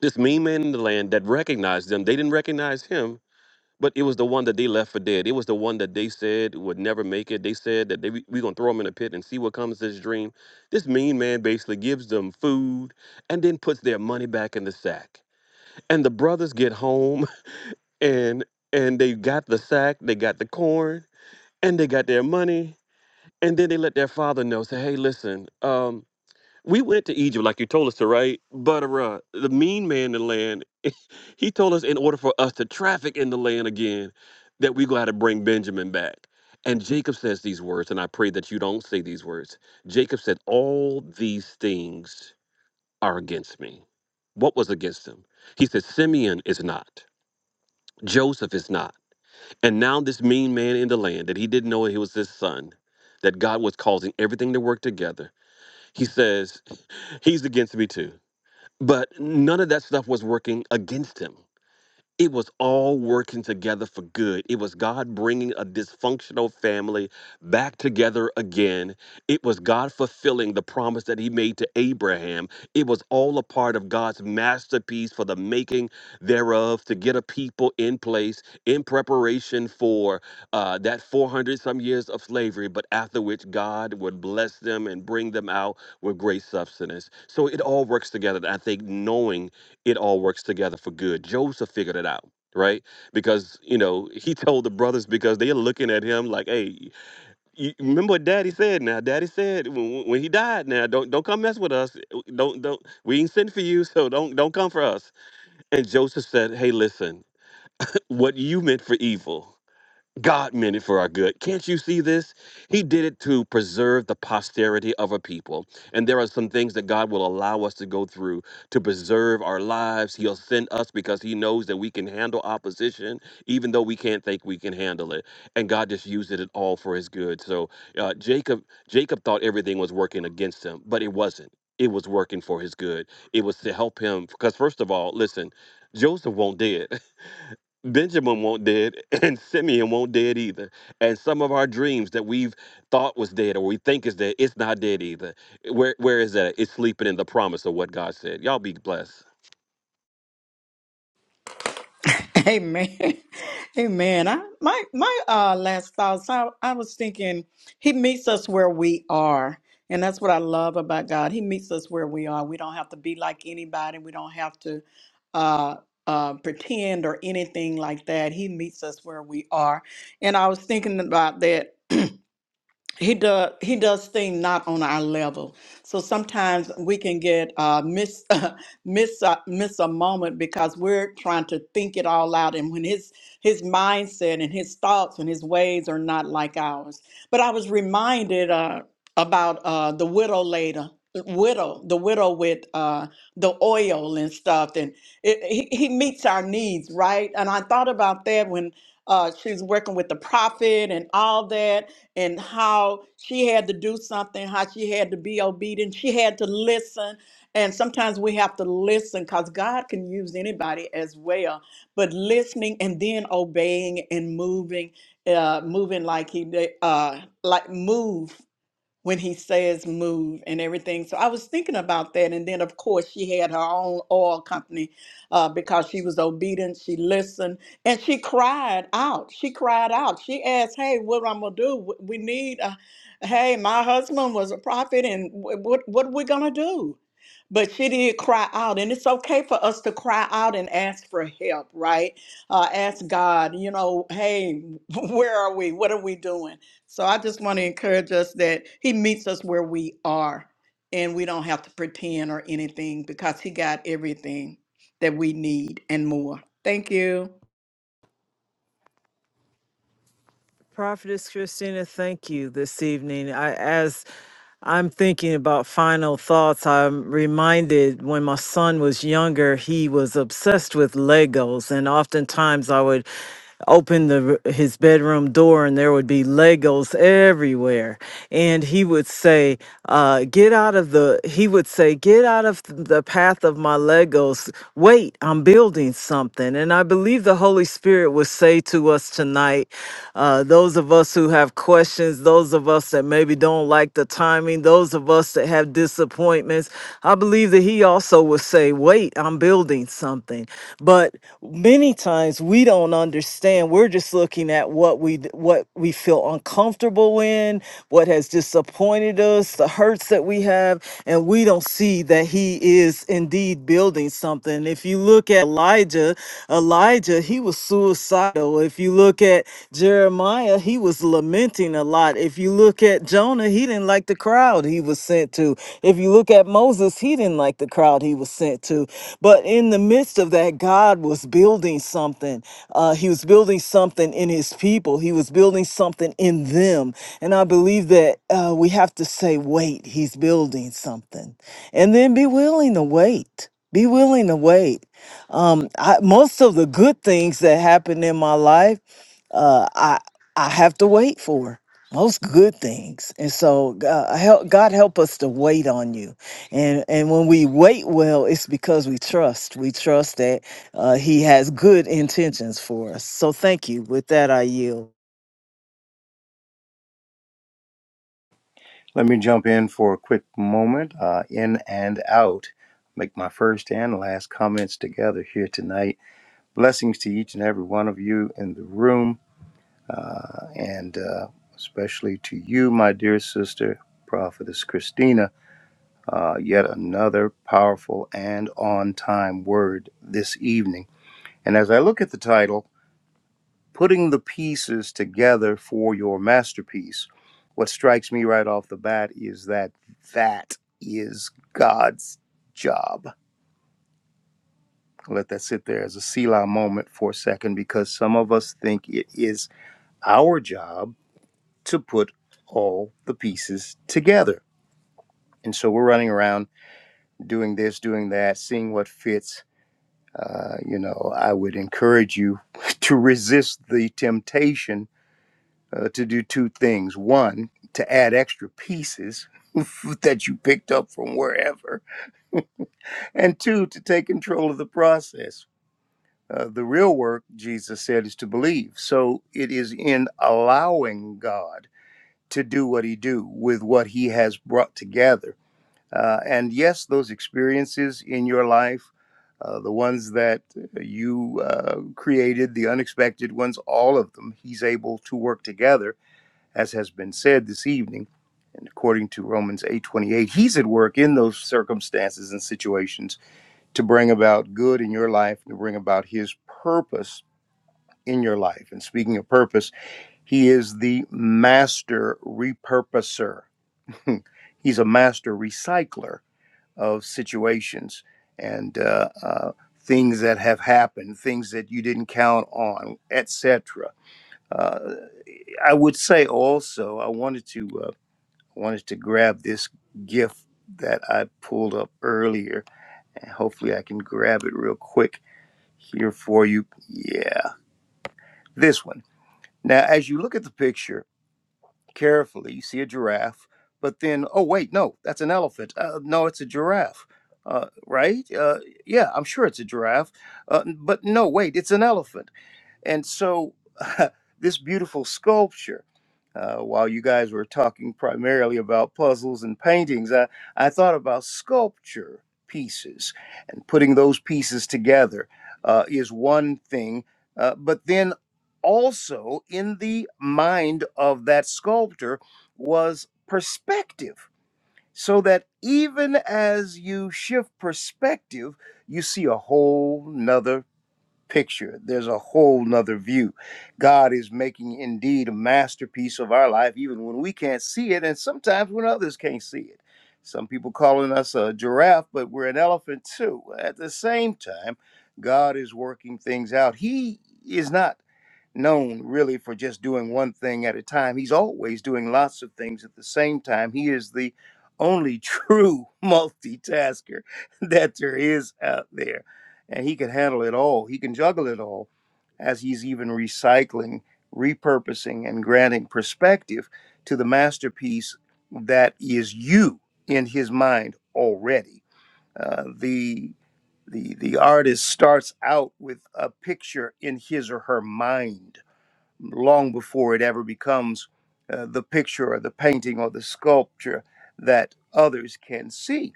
This mean man in the land that recognized them. They didn't recognize him, but it was the one that they left for dead. It was the one that they said would never make it. They said that they we're gonna throw him in a pit and see what comes of this dream. This mean man basically gives them food and then puts their money back in the sack and the brothers get home and and they got the sack they got the corn and they got their money and then they let their father know say hey listen um we went to Egypt like you told us to, right? But uh, the mean man in the land, he told us in order for us to traffic in the land again, that we go to have to bring Benjamin back. And Jacob says these words, and I pray that you don't say these words. Jacob said, All these things are against me. What was against him? He said, Simeon is not. Joseph is not. And now this mean man in the land that he didn't know he was his son, that God was causing everything to work together. He says, he's against me too. But none of that stuff was working against him it was all working together for good. It was God bringing a dysfunctional family back together again. It was God fulfilling the promise that He made to Abraham. It was all a part of God's masterpiece for the making thereof to get a people in place in preparation for uh, that 400 some years of slavery, but after which God would bless them and bring them out with great substance. So it all works together. And I think knowing it all works together for good. Joseph figured it out, right? Because, you know, he told the brothers because they're looking at him like, hey, you remember what daddy said now? Daddy said when, when he died now, don't don't come mess with us. Uh, Don't don't we ain't sent for you, so don't don't come for us. And Joseph said, Hey, listen, what you meant for evil. God meant it for our good. Can't you see this? He did it to preserve the posterity of a people. And there are some things that God will allow us to go through to preserve our lives. He'll send us because He knows that we can handle opposition, even though we can't think we can handle it. And God just used it all for His good. So uh, Jacob, Jacob thought everything was working against him, but it wasn't. It was working for his good. It was to help him because, first of all, listen, Joseph won't dead. Benjamin won't dead, and Simeon won't dead either. And some of our dreams that we've thought was dead or we think is dead, it's not dead either. Where where is that? It's sleeping in the promise of what God said. Y'all be blessed.
Amen. Amen. I, my my uh, last thoughts, I, I was thinking he meets us where we are. And that's what I love about God. He meets us where we are. We don't have to be like anybody. We don't have to uh, uh, pretend or anything like that. He meets us where we are. And I was thinking about that he does he does things not on our level so sometimes we can get uh miss miss uh, miss a moment because we're trying to think it all out and when his his mindset and his thoughts and his ways are not like ours but i was reminded uh about uh the widow later widow the widow with uh the oil and stuff and it, he, he meets our needs right and i thought about that when uh, she's working with the prophet and all that and how she had to do something, how she had to be obedient. She had to listen. And sometimes we have to listen because God can use anybody as well. But listening and then obeying and moving, uh, moving like he did, uh, like move when he says move and everything. So I was thinking about that. And then, of course, she had her own oil company uh, because she was obedient. She listened and she cried out. She cried out. She asked, Hey, what I'm going to do? W- We need, uh, hey, my husband was a prophet, and wh- what, what are we going to do? But she did cry out, and it's okay for us to cry out and ask for help, right? Uh, ask God, you know, hey, where are we? What are we doing? So I just want to encourage us that He meets us where we are and we don't have to pretend or anything because He got everything that we need and more. Thank you.
Prophetess Christina, thank you this evening. I as I'm thinking about final thoughts. I'm reminded when my son was younger, he was obsessed with Legos, and oftentimes I would open the r- his bedroom door and there would be legos everywhere and he would say uh get out of the he would say get out of th- the path of my legos wait i'm building something and i believe the holy spirit would say to us tonight uh those of us who who have questions, those of us that maybe don't like the timing, those of us that have disappointments. I believe that he also will say, Wait, I'm building something. But many times we don't understand. We're just looking at what we what we feel uncomfortable in, what has disappointed us, the hurts that we have, and we don't see that he is indeed building something. If you look at Elijah, Elijah, he was suicidal suicidal. If you look at Jeremiah, he was lamenting a lot. If you look at Jonah, he didn't like the crowd he was sent to. If you look at Moses, he didn't like the crowd he was sent to. But in the midst of that, God was building something. Uh, he was building something in his people, he was building something in them. And I believe that uh, we have to say, wait, he's building something. And then be willing to wait. Be willing to wait um I, most of the good things that happen in my life uh i i have to wait for most good things and so god help, god help us to wait on you and and when we wait well it's because we trust we trust that uh, he has good intentions for us so thank you with that i yield
Let me jump in for a quick moment. Uh, in and out. Make my first and last comments together here tonight. Blessings to each and every one of you in the room, uh, and uh, especially to you, my dear sister, Prophetess Christina uh, yet another powerful and on time word this evening. And as I look at the title, Putting the Pieces Together for Your Masterpiece, what strikes me right off the bat is that that is God's job. I'll Let that sit there as a Selah moment for a second because some of us think it is our job to put all the pieces together. And so we're running around doing this, doing that, seeing what fits, Uh, you know, I would encourage you to resist the temptation uh, to do two things. One, to add extra pieces that you picked up from wherever, and two, to take control of the process. Uh, the real work, Jesus said, is to believe. So it is in allowing God to do what he do with what he has brought together Uh, and yes, those experiences in your life, uh, the ones that you uh, created, the unexpected ones, all of them, he's able to work together, as has been said this evening. And according to Romans 8:28, he's at work in those circumstances and situations to bring about good in your life, to bring about his purpose in your life. And speaking of purpose, he is the master repurposer. he's a master recycler of situations and uh, uh, things that have happened, things that you didn't count on, etc. Uh, I would say also, I wanted to uh, wanted to grab this gift that I pulled up earlier, and hopefully I can grab it real quick here for you. Yeah, this one. Now, as you look at the picture. carefully. You see a giraffe, but then, oh, wait, no, that's an elephant. Uh, no, it's a giraffe, uh, right? Uh, yeah, I'm sure it's a giraffe. Uh, but no, wait, it's an elephant and so, this beautiful sculpture, uh, while you guys were talking primarily about puzzles and paintings, I, I thought about sculpture pieces and putting those pieces together uh, is one thing. Uh, but then also in the mind of that sculptor was perspective. So that even as you shift perspective, you see a whole nother picture. There's a whole nother view. God is making indeed a masterpiece of our life, even when we can't see it, and sometimes when others can't see it. Some people calling us a giraffe, but we're an elephant too. At the same time, God is working things out. He is not known really for just doing one thing at a time. He's always doing lots of things at the same time. He is the only true multitasker that there is out there and he can handle it all. He can juggle it all as he's even recycling, repurposing, and granting perspective to the masterpiece that is you in his mind already. Uh, the the the artist starts out with a picture in his or her mind long before it ever becomes uh, the picture or the painting or the sculpture that others can see.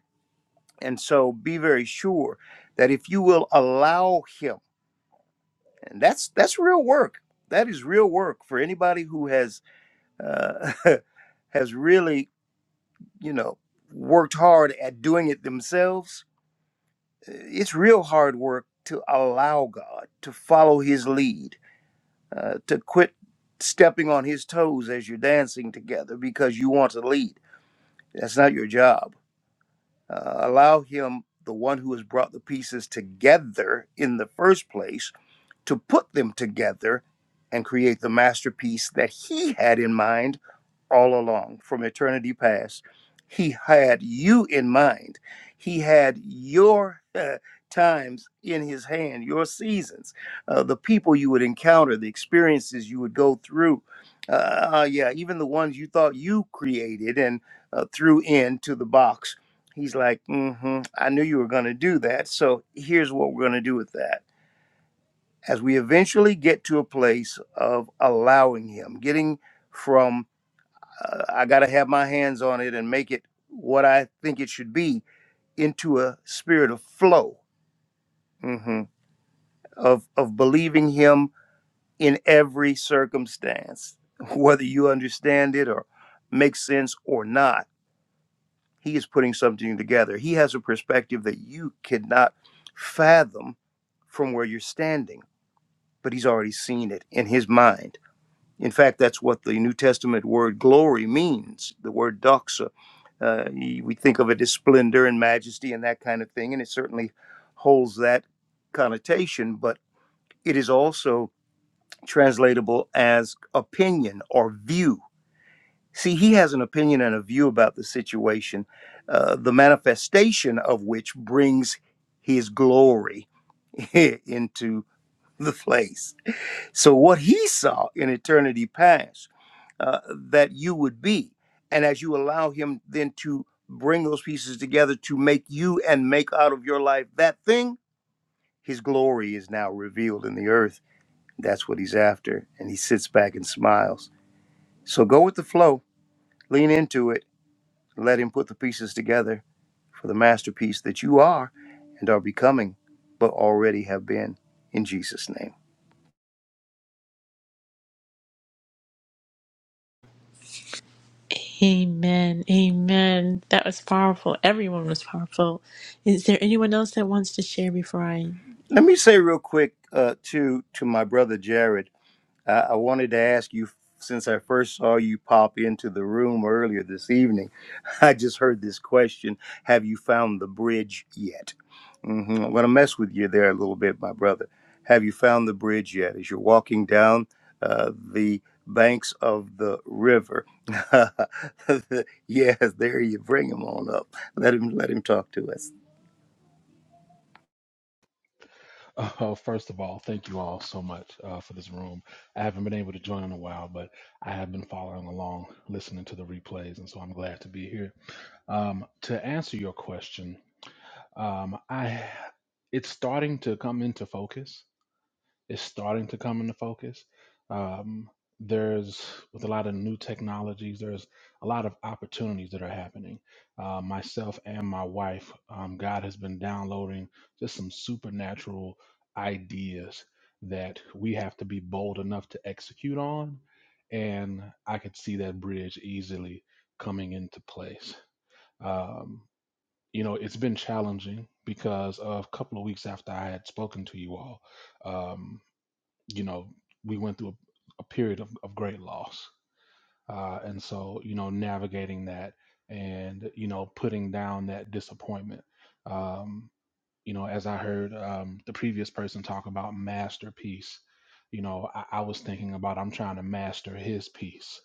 And so be very sure that if you will allow him and that's that's real work that is real work for anybody who has uh, has really you know worked hard at doing it themselves it's real hard work to allow god to follow his lead uh, to quit stepping on his toes as you're dancing together because you want to lead that's not your job uh, allow him the one who has brought the pieces together in the first place to put them together and create the masterpiece that he had in mind all along from eternity past. He had you in mind. He had your uh, times in his hand, your seasons, uh, the people you would encounter, the experiences you would go through. Uh, uh, yeah, even the ones you thought you created and uh, threw into the box. He's like, mm-hmm, I knew you were going to do that. So here's what we're going to do with that as we eventually get to a place of allowing Him, getting from uh, I got to have my hands on it and make it what I think it should be into a spirit of flow mhm, of of believing Him in every circumstance, whether you understand it or makes sense or not. He is putting something together. He has a perspective that you cannot fathom from where you're standing, but He's already seen it in His mind In fact, that's what the New Testament word glory means, the word doxa. Uh, we think of it as splendor and majesty and that kind of thing, and it certainly holds that connotation, but it is also translatable as opinion or view. See, he has an opinion and a view about the situation, uh, the manifestation of which brings his glory into the place. So, what he saw in eternity past uh, that you would be, and as you allow him then to bring those pieces together to make you and make out of your life that thing, his glory is now revealed in the earth. That's what he's after. And he sits back and smiles. So, go with the flow, lean into it, let him put the pieces together for the masterpiece that you are and are becoming, but already have been in Jesus' name.
Amen. Amen. That was powerful. Everyone was powerful. Is there anyone else that wants to share before I?
Let me say real quick uh, to to my brother Jared. I, I wanted to ask you since I first saw you pop into the room earlier this evening. I just heard this question: Have you found the bridge yet? hmm I'm gonna mess with you there a little bit, my brother. Have you found the bridge yet? As you're walking down uh, the banks of the river, yes, there you bring him on up. Let him let him talk to us.
Oh, first of all, thank you all so much uh, for this room. I haven't been able to join in a while, but I have been following along, listening to the replays, and so I'm glad to be here. Um, to answer your question, um, I it's starting to come into focus is starting to come into focus. Um, there's with a lot of new technologies, there's a lot of opportunities that are happening. Uh, myself and my wife, um, God has been downloading just some supernatural ideas that we have to be bold enough to execute on. And I could see that bridge easily coming into place. Um, you know, it's been challenging because of a couple of weeks after I had spoken to you all. Um, you know, we went through a, a period of, of great loss. Uh, and so, you know, navigating that and, you know, putting down that disappointment. Um, you know, as I heard um, the previous person talk about masterpiece, you know, I, I was thinking about I'm trying to master his piece,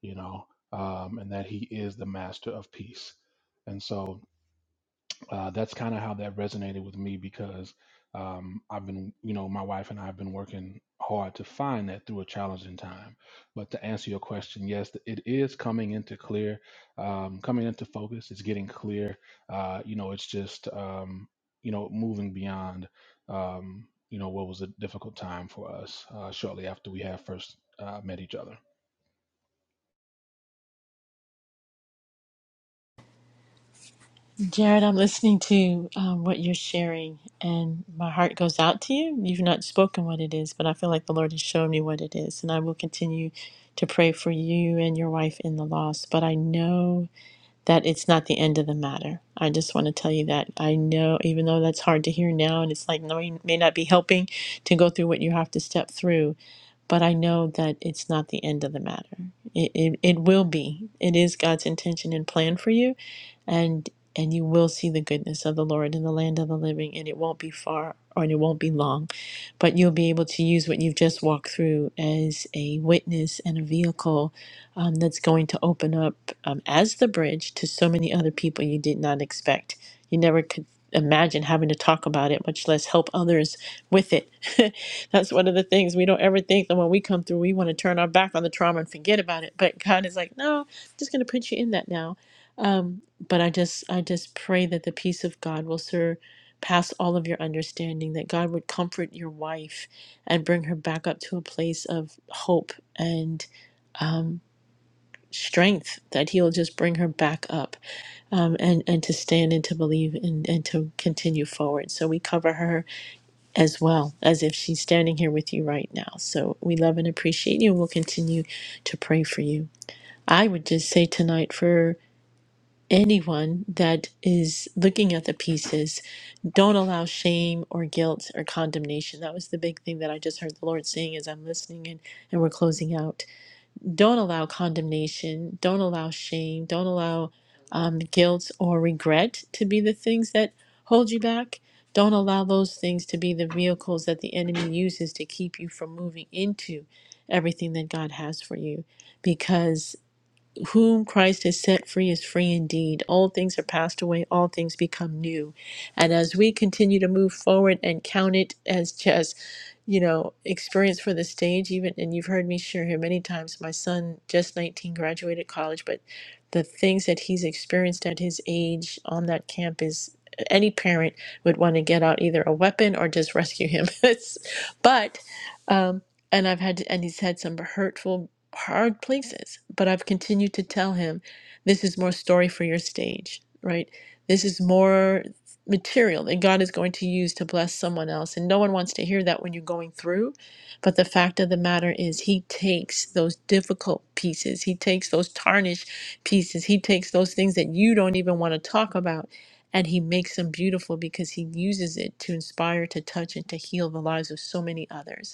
you know, um, and that he is the master of peace. And so, uh, that's kind of how that resonated with me because um, I've been, you know, my wife and I have been working hard to find that through a challenging time. But to answer your question, yes, th- it is coming into clear, um, coming into focus. It's getting clear. Uh, you know, it's just, um, you know, moving beyond, um, you know, what was a difficult time for us uh, shortly after we had first uh, met each other.
Jared, I'm listening to um, what you're sharing, and my heart goes out to you. You've not spoken what it is, but I feel like the Lord has shown me what it is, and I will continue to pray for you and your wife in the loss. But I know. that it's not the end of the matter. I just want to tell you that I know, even though that's hard to hear now, and it's like, no, you may not be helping to go through what you have to step through, but I know that it's not the end of the matter. It, it, it will be. It is God's intention and plan for you, and and you will see the goodness of the Lord in the land of the living, and it won't be far or and it won't be long, but you'll be able to use what you've just walked through as a witness and a vehicle um, that's going to open up um, as the bridge to so many other people you did not expect. You never could imagine having to talk about it, much less help others with it. That's one of the things we don't ever think that when we come through, we want to turn our back on the trauma and forget about it. But God is like, no, I'm just going to put you in that now. Um, but I just, I just pray that the peace of God will surpass all of your understanding. That God would comfort your wife and bring her back up to a place of hope and um, strength that he'll just bring her back up um, and and to stand and to believe and, and to continue forward so we cover her as well as if she's standing here with you right now so we love and appreciate you and we'll continue to pray for you i would just say tonight for anyone that is looking at the pieces don't allow shame or guilt or condemnation that was the big thing that i just heard the lord saying as i'm listening and, and we're closing out don't allow condemnation, don't allow shame, don't allow um, guilt or regret to be the things that hold you back. Don't allow those things to be the vehicles that the enemy uses to keep you from moving into everything that God has for you. Because whom Christ has set free is free indeed. All things are passed away, all things become new. And as we continue to move forward and count it as just, you know, experience for the stage, even, and you've heard me share here many times, my son, just 19, graduated college, but the things that he's experienced at his age on that campus, any parent would want to get out either a weapon or just rescue him. It's- but, um, and I've had, and he's had some hurtful hard places, but I've continued to tell him this is more story for your stage, right? This is more material that God is going to use to bless someone else. And no one wants to hear that when you're going through. But the fact of the matter is, He takes those difficult pieces, He takes those tarnished pieces, He takes those things that you don't even want to talk about. And he makes them beautiful because he uses it to inspire, to touch, and to heal the lives of so many others.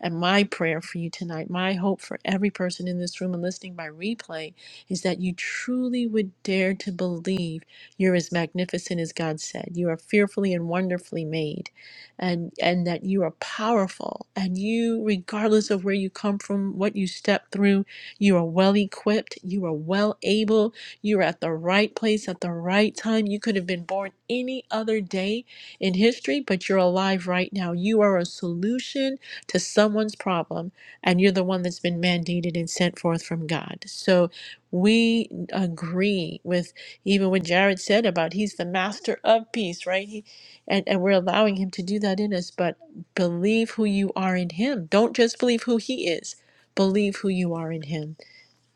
And my prayer for you tonight, my hope for every person in this room and listening by replay, is that you truly would dare to believe you're as magnificent as God said. You are fearfully and wonderfully made, and, and that you are powerful. And you, regardless of where you come from, what you step through, you are well equipped, you are well able, you are at the right place at the right time. You could have been born any other day in history, but you're alive right now. You are a solution to someone's problem, and you're the one that's been mandated and sent forth from God. So we agree with even what Jared said about he's the master of peace, right? He, and, and we're allowing him to do that in us, but believe who you are in him. Don't just believe who he is, believe who you are in him.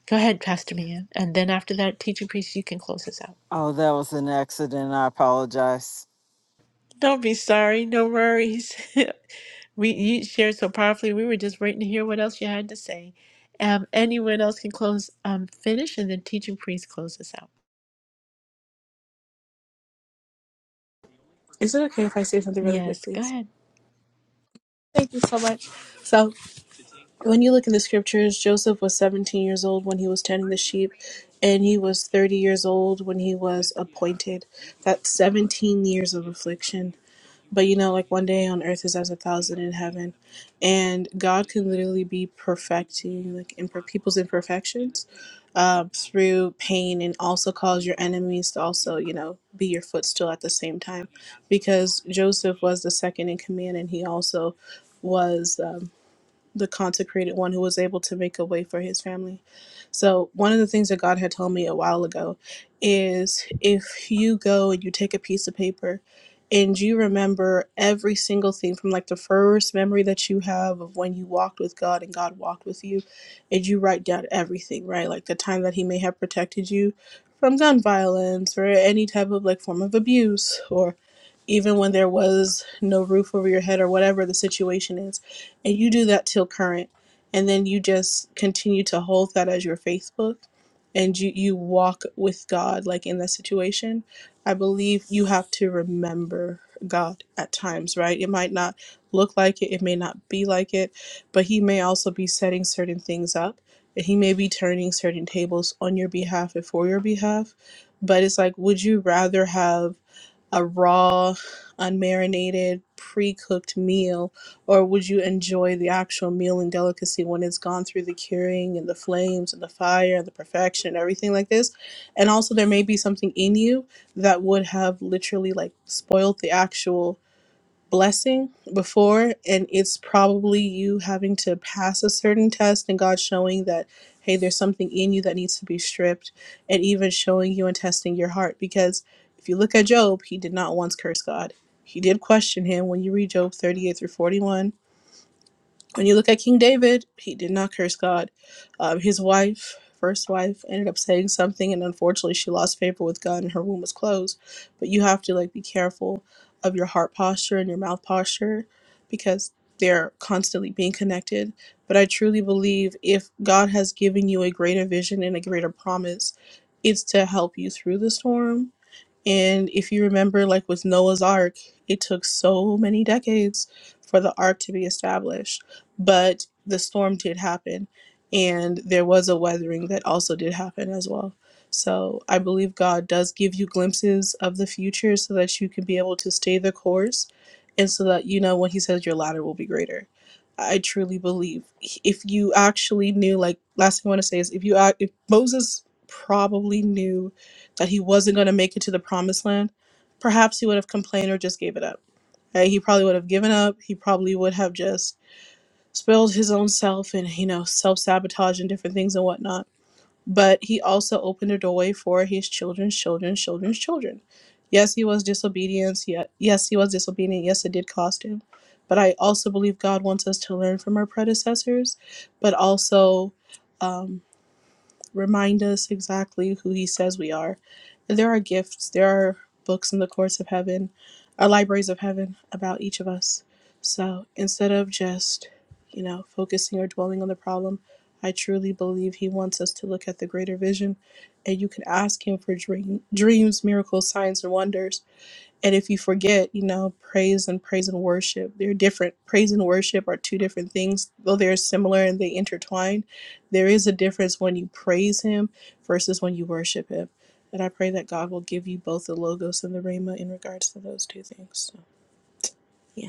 Go ahead, Pastor Mia. And then after that, teaching priest, you can close us out.
oh that was an accident i apologize
Don't be sorry. No worries. we you shared so powerfully. We were just waiting to hear what else you had to say. Um, anyone else can close, um, finish, and then teaching priest close us out.
Is it okay if I say something really quick,
Yes, go
please?
ahead.
Thank you so much. So, when you look in the scriptures, Joseph was 17 years old when he was tending the sheep, and he was 30 years old when he was appointed. That's 17 years of affliction. But you know, like one day on earth is as a thousand in heaven. And God can literally be perfecting like imper- people's imperfections uh, through pain and also cause your enemies to also, you know, be your footstool at the same time. Because Joseph was the second in command and he also was. Um, the consecrated one who was able to make a way for his family. So, one of the things that God had told me a while ago is if you go and you take a piece of paper and you remember every single thing from like the first memory that you have of when you walked with God and God walked with you, and you write down everything, right? Like the time that He may have protected you from gun violence or any type of like form of abuse or even when there was no roof over your head or whatever the situation is and you do that till current and then you just continue to hold that as your facebook and you you walk with god like in that situation i believe you have to remember god at times right it might not look like it it may not be like it but he may also be setting certain things up and he may be turning certain tables on your behalf and for your behalf but it's like would you rather have a raw, unmarinated, pre cooked meal? Or would you enjoy the actual meal and delicacy when it's gone through the curing and the flames and the fire and the perfection and everything like this? And also, there may be something in you that would have literally like spoiled the actual blessing before and it's probably you having to pass a certain test and God showing that hey there's something in you that needs to be stripped and even showing you and testing your heart because if you look at Job he did not once curse God. He did question him when you read Job 38 through 41 when you look at King David, he did not curse God. Um, his wife, first wife, ended up saying something, and unfortunately, she lost favor with God, and her womb was closed. But you have to like be careful of your heart posture and your mouth posture, because they're constantly being connected. But I truly believe if God has given you a greater vision and a greater promise, it's to help you through the storm and if you remember, like with Noah's Ark, it took so many decades for the Ark to be established. But the storm did happen, and there was a weathering that also did happen as well. So I believe God does give you glimpses of the future so that you can be able to stay the course and so that you know when He says your ladder will be greater. I truly believe if you actually knew, like, last thing I want to say is if you, act, if Moses probably knew that he wasn't going to make it to the promised land, perhaps he would have complained or just gave it up. Right? He probably would have given up. He probably would have just spoiled his own self and, you know, self sabotage and different things and whatnot. But he also opened a doorway for his children's children's children's children. Yes, he was disobedient. Ye- Yes, he was disobedient. Yes, it did cost him. But I also believe God wants us to learn from our predecessors, but also. um, remind us exactly who he says we are. And there are gifts, there are books in the courts of heaven, our libraries of heaven about each of us. So instead of just, you know, focusing or dwelling on the problem, I truly believe he wants us to look at the greater vision. And you can ask him for dream, dreams, miracles, signs, and wonders and if you forget, you know, praise and praise and worship, they're different. Praise and worship are two different things, though they're similar and they intertwine. There is a difference when you praise Him versus when you worship Him. And I pray that God will give you both the logos and the rhema in regards to those two things. So, yeah.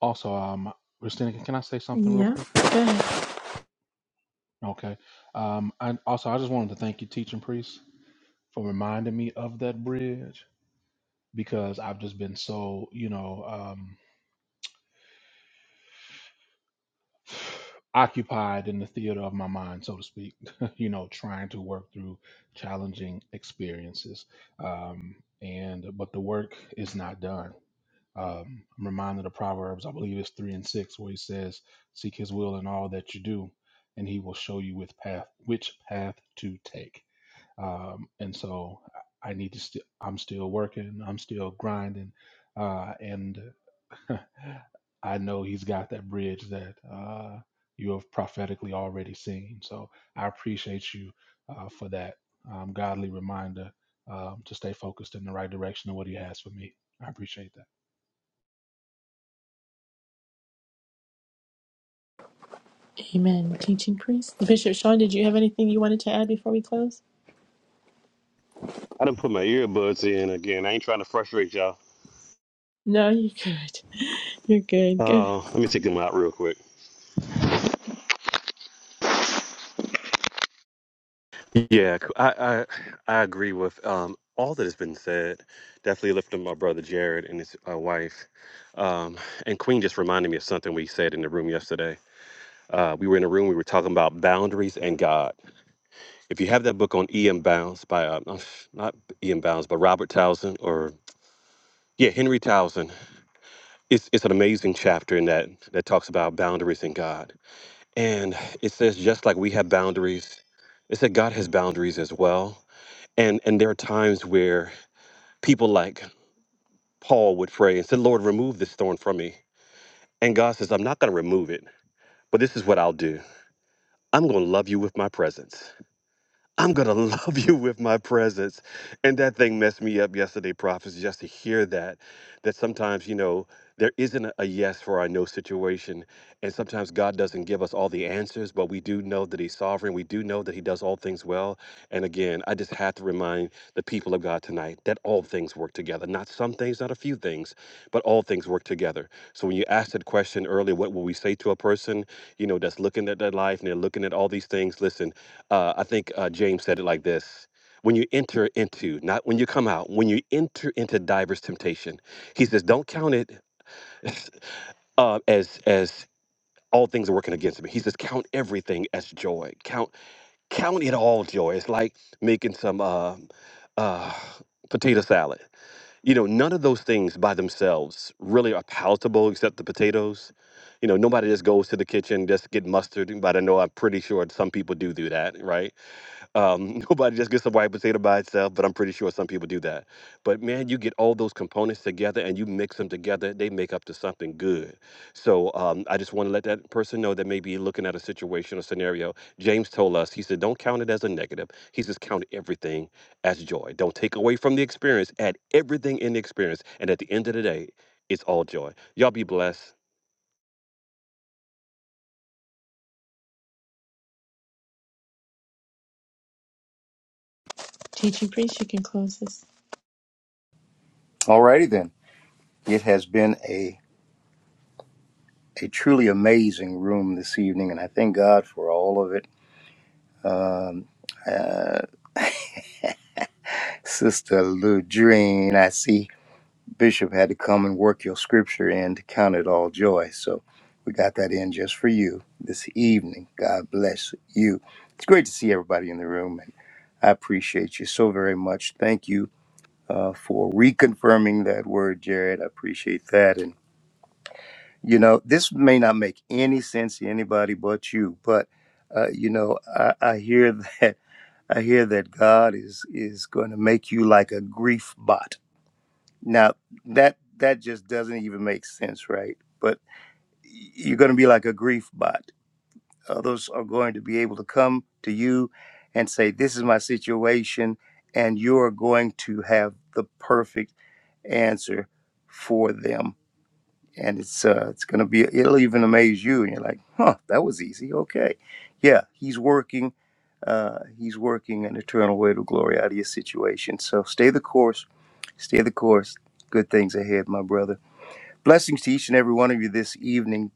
Also, um, Christina, can can I say something real
Yeah,
quick?
go ahead.
Okay. Um, I also I just wanted to thank you, teaching priest, for reminding me of that bridge because I've just been so, you know, um, occupied in the theater of my mind, so to speak. you know, trying to work through challenging experiences, um, and but the work is not done Um, I'm reminded of Proverbs, I believe it's three and six, where he says, "Seek His will in all that you do, and He will show you with path which path to take." Um, and so I need to. St- I'm still working. I'm still grinding, uh, and I know He's got that bridge that uh, you have prophetically already seen. So I appreciate you uh, for that um, godly reminder um, to stay focused in the right direction of what He has for me. I appreciate that.
Amen. Teaching priest, Bishop Sean, did you have anything you wanted to add before we close?
I didn't put my earbuds in again. I ain't trying to frustrate y'all.
No, you're good. You're good. Good.
Uh, let me take them out real quick. Yeah, c- I I, I agree with um, all that has been said. Definitely lifting my brother Jared and his uh, wife. Um, and Queen just reminded me of something we said in the room yesterday. Uh, we were in a room. We were talking about boundaries and God. If you have that book on E.M. Bounds by uh, uh, not E.M. Bounds, but Robert Towson or yeah Henry Towson, it's it's an amazing chapter in that that talks about boundaries and God. And it says just like we have boundaries, it said God has boundaries as well. And and there are times where people like Paul would pray and said, Lord, remove this thorn from me. And God says, I'm not going to remove it, but this is what I'll do. I'm going to love you with my presence. I'm gonna love you with my presence. And that thing messed me up yesterday, prophets, just to hear that. That sometimes, you know, there isn't a a yes for our no situation. And sometimes God doesn't give us all the answers, but we do know that He's sovereign. We do know that He does all things well. And again, I just have to remind the people of God tonight that all things work together. Not some things, not a few things, but all things work together. So when you asked that question earlier, what will we say to a person, you know, that's looking at their life and they're looking at all these things? Listen, uh, I think uh, James said it like this when you enter into, not when you come out, when you enter into diverse temptation, he says, don't count it uh, as, as, all things are working against me. He says, "Count everything as joy. Count, count it all joy." It's like making some um uh, potato salad. You know, none of those things by themselves really are palatable except the potatoes. You know, nobody just goes to the kitchen just get mustard. But I know I'm pretty sure some people do do that, right? Um, nobody just gets a white potato by itself, but I'm pretty sure some people do that. But man, you get all those components together and you mix them together, they make up to something good. So um, I just want to let that person know that maybe looking at a situation or scenario, James told us, he said, don't count it as a negative. He says, count everything as joy. Don't take away from the experience, add everything in the experience. And at the end of the day, it's all joy. Y'all be blessed.
Teaching priest, you can close this.
Alrighty then. It has been a truly amazing room this evening, and I thank God for all of it. Um, Sister Ludrine, I see Bishop had to come and work your scripture in to count it all joy. So we got that in just for you this evening. God bless you. It's great to see everybody in the room, and I appreciate you so very much. Thank you uh, for reconfirming that word, Jared. I appreciate that. And, you know, this may not make any sense to anybody but you, but, uh, you know, I, I hear that I hear that God is is going to make you like a grief bot. Now that that just doesn't even make sense, right? But you're going to be like a grief bot. Others are going to be able to come to you and say, "This is my situation," and you are going to have the perfect answer for them and it's uh, it's gonna be it'll even amaze you, and you're like, huh, that was easy. Okay, yeah, he's working, uh, he's working an eternal way to glory out of your situation. So stay the course, stay the course. Good things ahead, my brother. Blessings to each and every one of you this evening.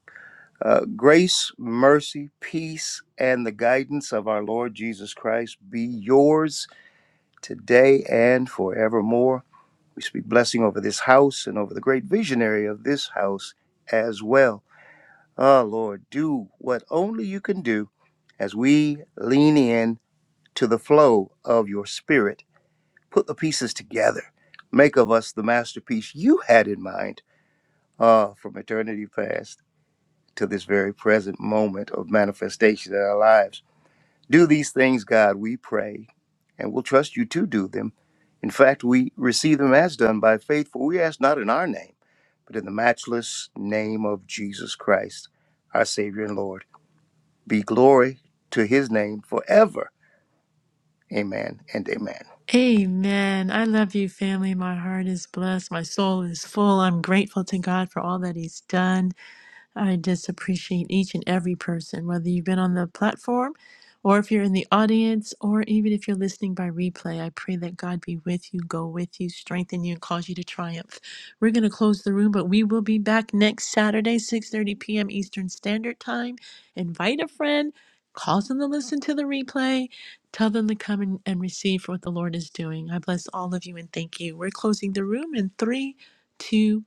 Uh, grace, mercy, peace, and the guidance of our Lord Jesus Christ be yours today and forevermore. We speak blessing over this house and over the great visionary of this house as well. Ah, Lord, do what only you can do as we lean in to the flow of your spirit. Put the pieces together. Make of us the masterpiece you had in mind Ah, from eternity past to this very present moment of manifestation in our lives. Do these things, God, we pray, and we'll trust you to do them. In fact, we receive them as done by faith, for we ask not in our name, but in the matchless name of Jesus Christ, our Savior and Lord. be glory to his name forever. Amen and amen.
Amen. I love you, family. My heart is blessed. My soul is full. I'm grateful to God for all that He's done. I just appreciate each and every person, whether you've been on the platform or if you're in the audience or even if you're listening by replay. I pray that God be with you, go with you, strengthen you, and cause you to triumph. We're going to close the room, but we will be back next Saturday, 6.30 p.m. Eastern Standard Time. Invite a friend, cause them to listen to the replay, tell them to come and, and receive for what the Lord is doing. I bless all of you and thank you. We're closing the room in three, two.